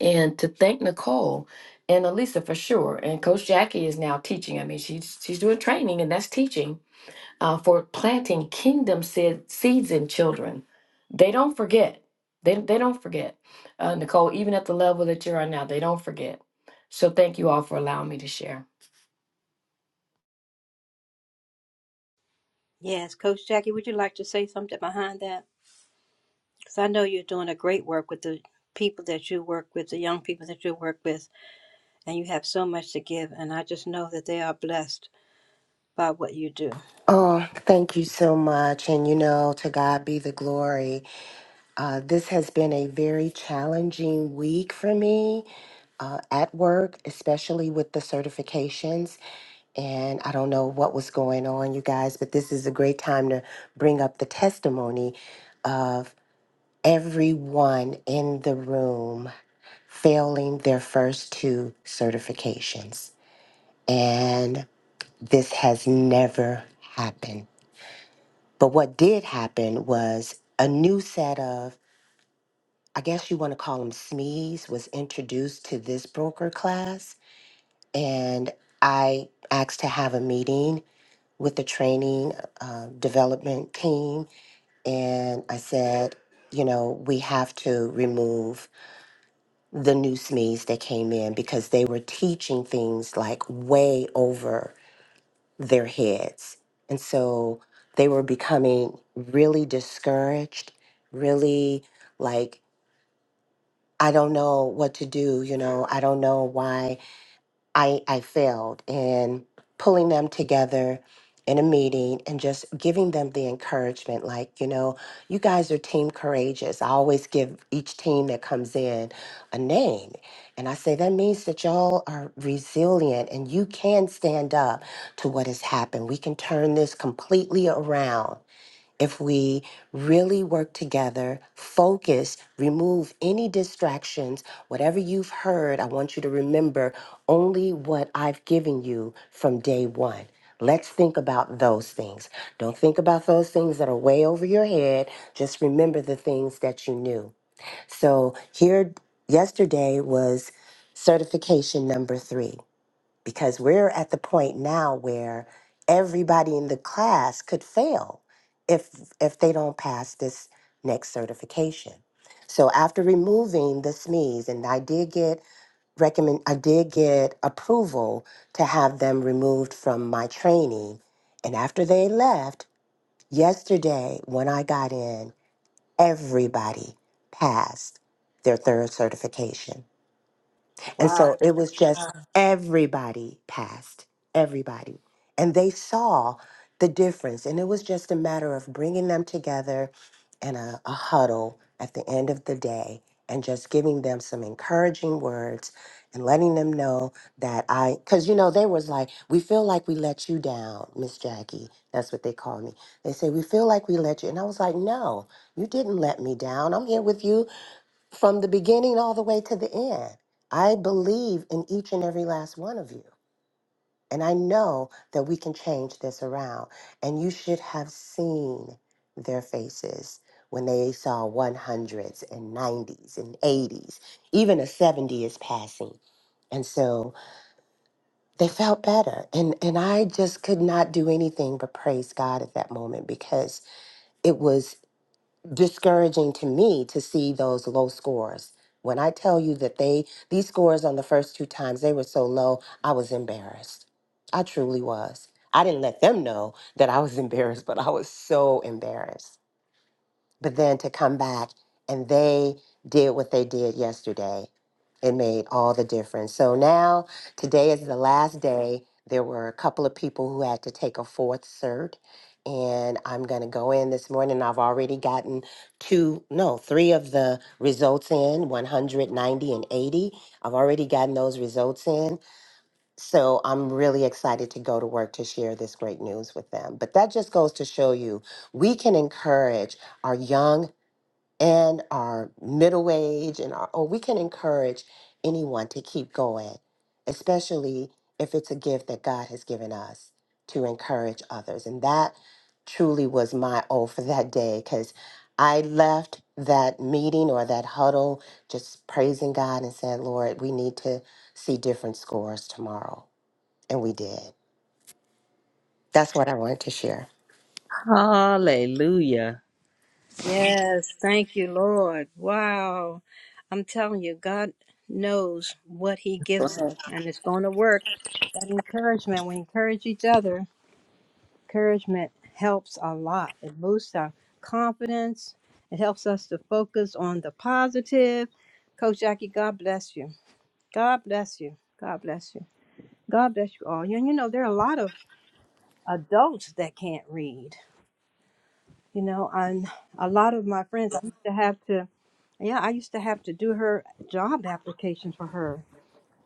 [SPEAKER 9] and to thank Nicole and Elisa for sure. And Coach Jackie is now teaching. I mean, she's she's doing training, and that's teaching uh, for planting kingdom seed, seeds in children. They don't forget. They they don't forget, uh, Nicole. Even at the level that you're on now, they don't forget. So thank you all for allowing me to share.
[SPEAKER 3] Yes, Coach Jackie, would you like to say something behind that? Because I know you're doing a great work with the people that you work with, the young people that you work with, and you have so much to give. And I just know that they are blessed by what you do.
[SPEAKER 2] Oh, thank you so much. And you know, to God be the glory. Uh, this has been a very challenging week for me uh, at work, especially with the certifications. And I don't know what was going on, you guys, but this is a great time to bring up the testimony of everyone in the room. failing their first two certifications. And this has never happened. But what did happen was a new set of, I guess you want to call them SMEs, was introduced to this broker class. And I asked to have a meeting with the training uh, development team. And I said, you know, we have to remove the new SMEs that came in because they were teaching things like way over their heads. And so they were becoming really discouraged, really like, I don't know what to do. You know, I don't know why I, I failed in pulling them together in a meeting and just giving them the encouragement like, you know, you guys are team courageous. I always give each team that comes in a name. And I say, that means that y'all are resilient and you can stand up to what has happened. We can turn this completely around if we really work together, focus, remove any distractions, whatever you've heard, I want you to remember only what I've given you from day one. Let's think about those things. Don't think about those things that are way over your head. Just remember the things that you knew. So, here yesterday was certification number three because we're at the point now where everybody in the class could fail if if they don't pass this next certification. So after removing the SMEs, and I did get recommend, I did get approval to have them removed from my training. And after they left yesterday, when I got in, everybody passed their third certification. And
[SPEAKER 3] Wow.
[SPEAKER 2] so it was just everybody passed, everybody. And they saw the difference. And it was just a matter of bringing them together in a, a huddle at the end of the day and just giving them some encouraging words and letting them know that I, because you know, they was like, we feel like we let you down, Miss Jackie. That's what they call me. They say, we feel like we let you. And I was like, no, you didn't let me down. I'm here with you from the beginning all the way to the end. I believe in each and every last one of you. And I know that we can change this around. And you should have seen their faces when they saw 100s and 90s and 80s. Even a 70 is passing. And so they felt better. And, and I just could not do anything but praise God at that moment because it was discouraging to me to see those low scores. When I tell you that they these scores on the first two times they were so low, I was embarrassed. I truly was. I didn't let them know that I was embarrassed, but I was so embarrassed but then to come back and they did what they did yesterday it made all the difference so now today is the last day there were a couple of people who had to take a fourth cert and i'm going to go in this morning i've already gotten two no three of the results in 190 and 80 i've already gotten those results in so i'm really excited to go to work to share this great news with them but that just goes to show you we can encourage our young and our middle age and our, or we can encourage anyone to keep going, especially if it's a gift that God has given us to encourage others. And that truly was my O for that day because I left that meeting or that huddle just praising God and saying, Lord, we need to see different scores tomorrow. And we did. That's what I wanted to share.
[SPEAKER 3] Yes, thank you, Lord. Wow. I'm telling you, God knows what He gives us, and it's going to work. That encouragement, we encourage each other. Encouragement helps a lot. It boosts our confidence, it helps us to focus on the positive. Coach Jackie, God bless you. God bless you. God bless you. God bless you all. And you know, there are a lot of adults that can't read. You know, and a lot of my friends, I used to have to Yeah, I used to have to do her job application for her,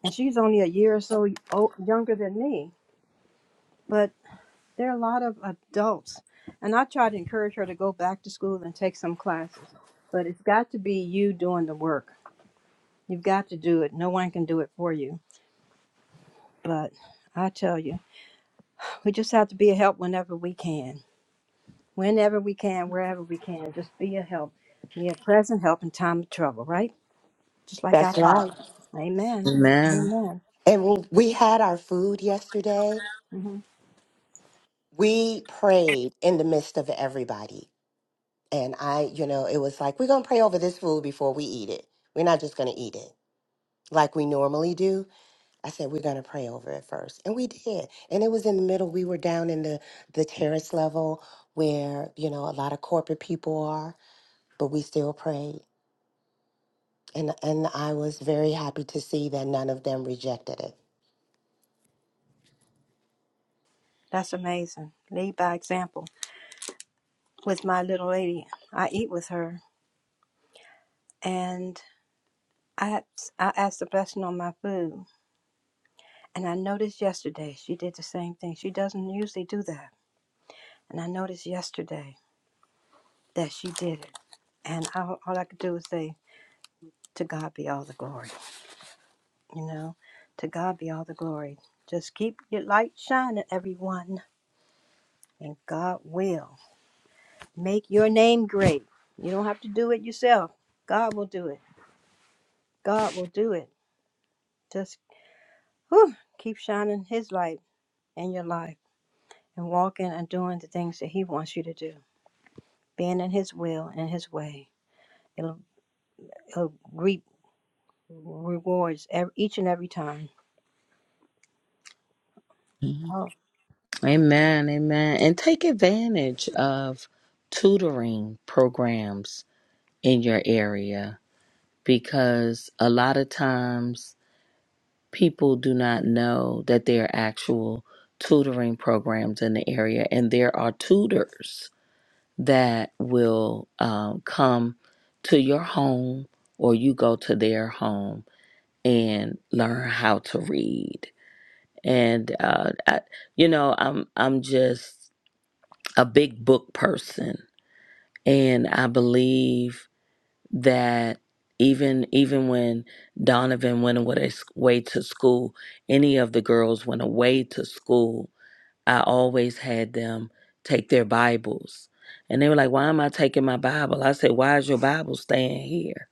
[SPEAKER 3] and she's only a year or so o- younger than me. But there are a lot of adults, and I try to encourage her to go back to school and take some classes. But it's got to be you doing the work. You've got to do it. No one can do it for you. But I tell you, we just have to be a help whenever we can, whenever we can, wherever we can. Just be a help, be a present help in time of trouble, right? Just like our
[SPEAKER 2] That's right.
[SPEAKER 3] Father. Amen.
[SPEAKER 8] Amen.
[SPEAKER 3] Amen.
[SPEAKER 2] And we we had our food yesterday
[SPEAKER 3] Mhm.
[SPEAKER 2] we prayed in the midst of everybody. And I, you know, it was like, we're going to pray over this food before we eat it. We're not just going to eat it like we normally do. I said, we're going to pray over it first. And we did. And it was in the middle. We were down in the, the terrace level where, you know, a lot of corporate people are, but we still prayed. And, and I was very happy to see that none of them rejected it
[SPEAKER 3] That's amazing. Lead by example. With my little lady, I eat with her, and I I ask the blessing on my food. And I noticed yesterday she did the same thing. She doesn't usually do that, and I noticed yesterday that she did it. And I, all I could do was say, "To God be all the glory." You know, to God be all the glory. Just keep your light shining, everyone, and God will make your name great. You don't have to do it yourself. God will do it. God will do it. Just whew, keep shining His light in your life and walking and doing the things that He wants you to do, being in His will and His way. It'll, it'll reap rewards ev each and every time.
[SPEAKER 8] Mhm.
[SPEAKER 3] Oh,
[SPEAKER 8] Amen. Amen. And take advantage of tutoring programs in your area because a lot of times people do not know that there are actual tutoring programs in the area, and there are tutors that will um, come to your home or you go to their home and learn how to read. And uh, I, you know, I'm I'm just a big book person, and I believe that even even when Donovan went away way to school, any of the girls went away to school, I always had them take their Bibles. And they were like, Why am I taking my Bible? I said, Why is your Bible staying here?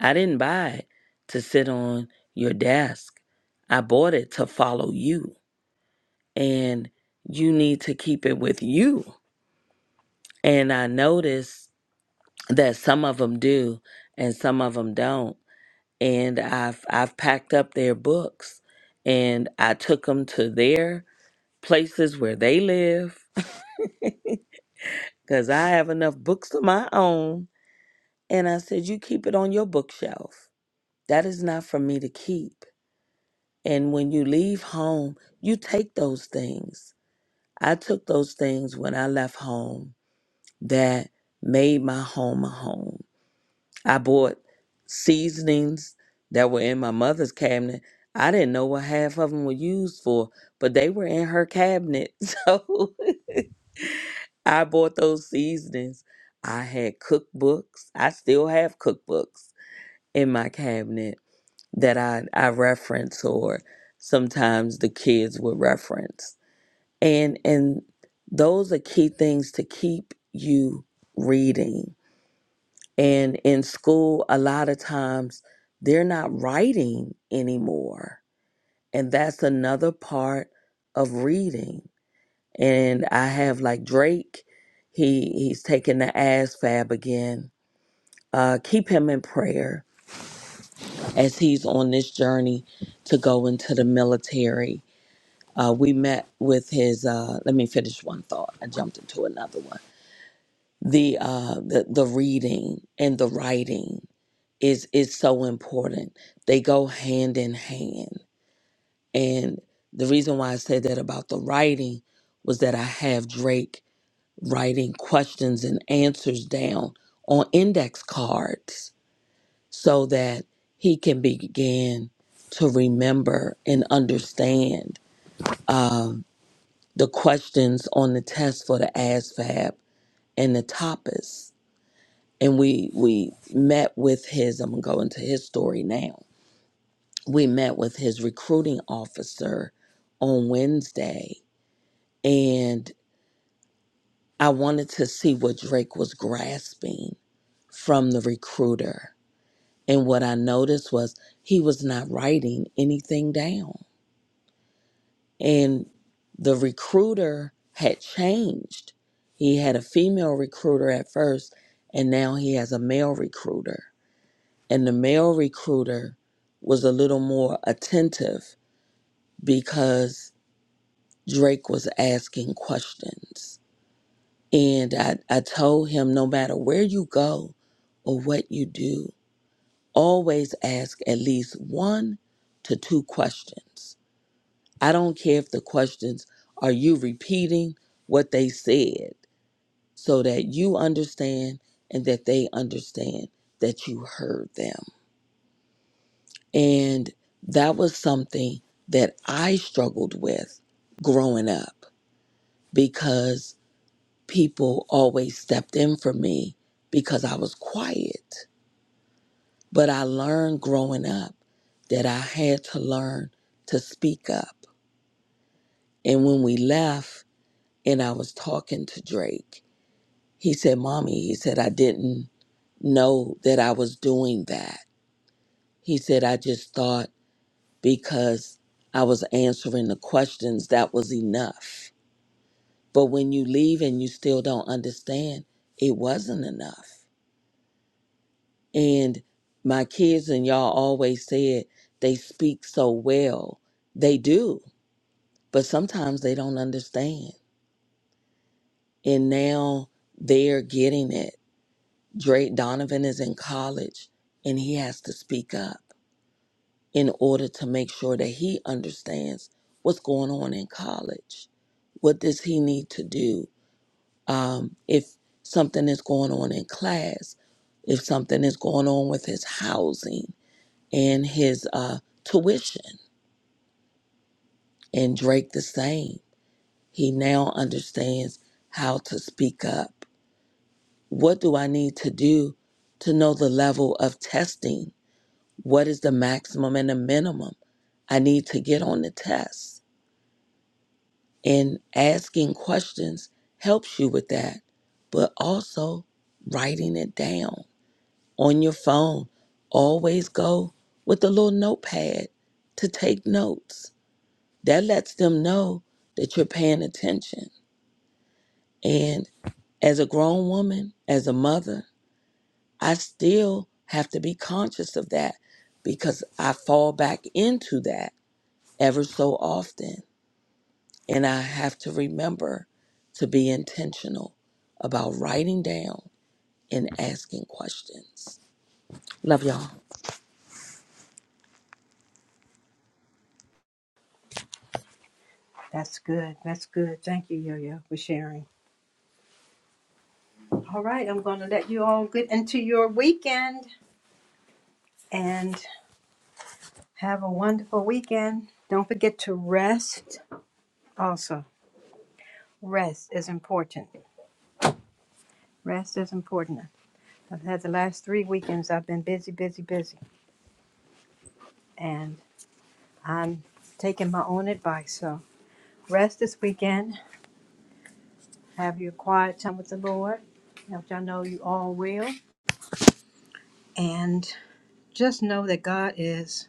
[SPEAKER 8] I didn't buy it to sit on your desk. I bought it to follow you. And you need to keep it with you. And I noticed that some of them do and some of them don't and I've I've packed up their books and I took them to their places where they live cuz I have enough books of my own and I said you keep it on your bookshelf. That is not for me to keep. And when you leave home, you take those things. I took those things when I left home that made my home a home. I bought seasonings that were in my mother's cabinet. I didn't know what half of them were used for, but they were in her cabinet. So I bought those seasonings. I had cookbooks. I still have cookbooks in my cabinet that I, I reference or sometimes the kids would reference. And and those are key things to keep you reading And in school, a lot of times they're not writing anymore. And that's another part of reading. And I have like Drake, he he's taking the ASFAB again. Uh, keep him in prayer as he's on this journey to go into the military. Uh, we met with his. Uh, let me finish one thought. I jumped into another one. The uh, the the reading and the writing is is so important. They go hand in hand. And the reason why I said that about the writing was that I have Drake writing questions and answers down on index cards so that he can begin to remember and understand um, the questions on the test for the ASVAB and the TAPAS. And we we met with his. I'm gonna go into his story now we met with his recruiting officer on Wednesday, and I wanted to see what Drake was grasping from the recruiter. And what I noticed was he was not writing anything down. And the recruiter had changed. He had a female recruiter at first, and now he has a male recruiter. And the male recruiter was a little more attentive because Drake was asking questions. And I, I told him no matter where you go or what you do, always ask at least one to two questions. I don't care if the questions are you repeating what they said so that you understand and that they understand that you heard them. And that was something that I struggled with growing up because people always stepped in for me because I was quiet. But I learned growing up that I had to learn to speak up. And when we left and I was talking to Drake, he said, Mommy, he said, I didn't know that I was doing that. He said, I just thought because I was answering the questions, that was enough. But when you leave and you still don't understand, it wasn't enough. And my kids and y'all always said they speak so well. They do, but sometimes they don't understand. And now they're getting it. Drake Donovan is in college and he has to speak up in order to make sure that he understands what's going on in college. What does he need to do? Um, if something is going on in class, if something is going on with his housing, and his uh, tuition. And Drake the same. He now understands how to speak up. What do I need to do to know the level of testing? What is the maximum and the minimum I need to get on the test? And asking questions helps you with that, but also writing it down on your phone. Always go with a little notepad to take notes That lets them know that you're paying attention. And as a grown woman, as a mother, I still have to be conscious of that because I fall back into that ever so often. And I have to remember to be intentional about writing down and asking questions. Love y'all.
[SPEAKER 3] that's good. That's good. Thank you, Yo Yo, for sharing. All right, I'm going to let you all get into your weekend and have a wonderful weekend. Don't forget to rest also. Rest is important. Rest is important. I've had the last three weekends, I've been busy, busy, busy and I'm taking my own advice. So rest this weekend, have your quiet time with the Lord, which I know you all will, and just know that God is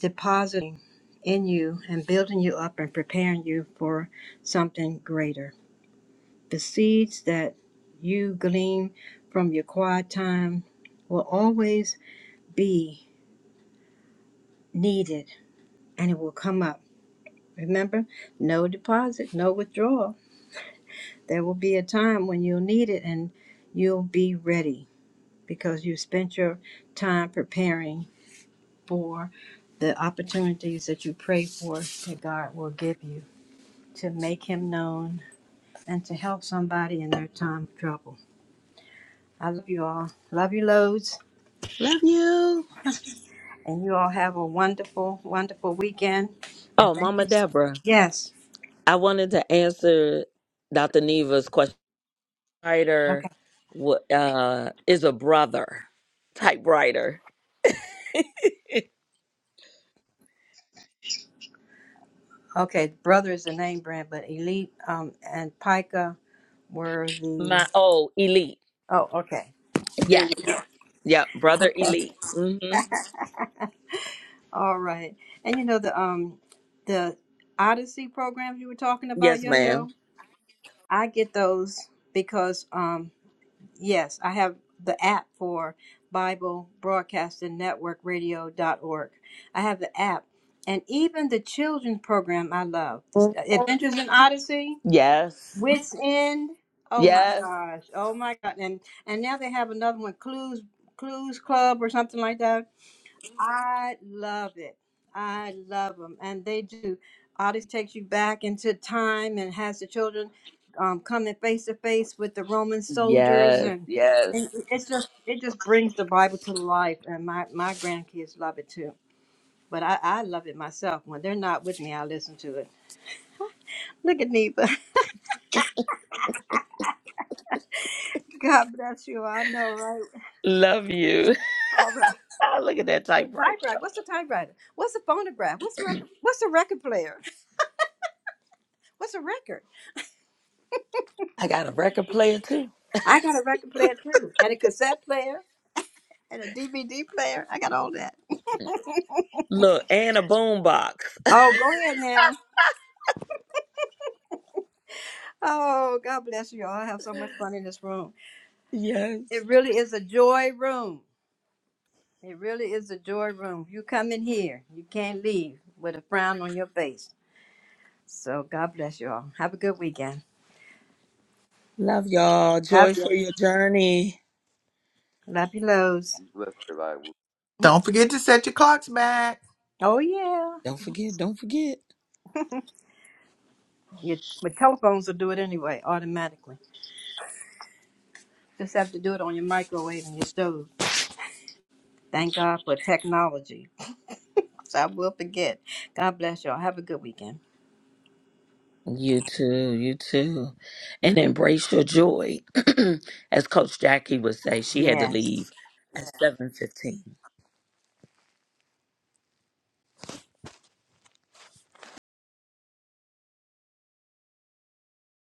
[SPEAKER 3] depositing in you and building you up and preparing you for something greater. The seeds that you glean from your quiet time will always be needed and it will come up. Remember, no deposit, no withdrawal There will be a time when you'll need it and you'll be ready because you spent your time preparing for the opportunities that you pray for that God will give you to make Him known and to help somebody in their time of trouble. I love you all. Love you loads.
[SPEAKER 8] Love you.
[SPEAKER 3] And you all have a wonderful, wonderful weekend. And
[SPEAKER 8] Oh,
[SPEAKER 3] thank
[SPEAKER 8] Mama
[SPEAKER 3] you. So-
[SPEAKER 8] Deborah,
[SPEAKER 3] yes.
[SPEAKER 8] I wanted to answer Dr. Neva's question. writer
[SPEAKER 3] Okay.
[SPEAKER 8] wa- uh, is a brother typewriter.
[SPEAKER 3] Okay. Brother is the name brand, but Elite um, and Pica were the.
[SPEAKER 8] My oh, elite.
[SPEAKER 3] Oh, okay.
[SPEAKER 8] Yes. Yep. Brother
[SPEAKER 3] Okay.
[SPEAKER 8] elite. Mm-hmm.
[SPEAKER 3] All right. And you know the um the Odyssey programs you were talking about,
[SPEAKER 8] Yes,
[SPEAKER 3] Yo
[SPEAKER 8] madam
[SPEAKER 3] Yo? I get those because um yes, I have the app for Bible Broadcasting Network Radio.org. I have the app. And even the children's program I love. The Adventures in Odyssey,
[SPEAKER 8] Yes.
[SPEAKER 3] Wits End. Oh my
[SPEAKER 8] Yes.
[SPEAKER 3] gosh. Oh my god. And and now they have another one, Clues Clues Club or something like that. I love it. I love them, and they do. Odyssey takes you back into time and has the children um, coming face to face with the Roman soldiers,
[SPEAKER 8] Yes.
[SPEAKER 3] and,
[SPEAKER 8] Yes.
[SPEAKER 3] and it's just it just brings the Bible to life. And my my grandkids love it too. But I, I love it myself. When they're not with me, I listen to it. Look at Neva. God bless you. I know, right?
[SPEAKER 8] Love you.
[SPEAKER 3] All right.
[SPEAKER 8] Ah, Look at that
[SPEAKER 3] Say
[SPEAKER 8] typewriter.
[SPEAKER 3] typewriter. What's a typewriter? What's a phonograph? What's a record? What's a record player? What's a record?
[SPEAKER 8] I got a record player too.
[SPEAKER 3] I got a record player too, and a cassette player, and a DVD player. I got all that.
[SPEAKER 8] Look, and a boom box.
[SPEAKER 3] Oh, go ahead now. Oh, God bless you all. I have so much fun in this room.
[SPEAKER 8] Yes.
[SPEAKER 3] It really is a joy room. It really is a joy room. You come in here, you can't leave with a frown on your face. So, God bless you all. Have a good weekend.
[SPEAKER 8] Love y'all. Joy
[SPEAKER 3] Love you.
[SPEAKER 8] for your journey.
[SPEAKER 3] Love you, lows.
[SPEAKER 7] Be blessed, everybody.
[SPEAKER 1] Don't forget to set your clocks back.
[SPEAKER 3] Oh, yeah.
[SPEAKER 8] Don't forget. Don't forget.
[SPEAKER 3] Your, my telephones will do it anyway, automatically. Just have to do it on your microwave and your stove. Thank God for technology. So I will forget. God bless y'all. Have a good weekend.
[SPEAKER 8] You too, you too. And embrace your joy. As Coach Jackie would say, she had to
[SPEAKER 3] Yes.
[SPEAKER 8] leave at 7:15.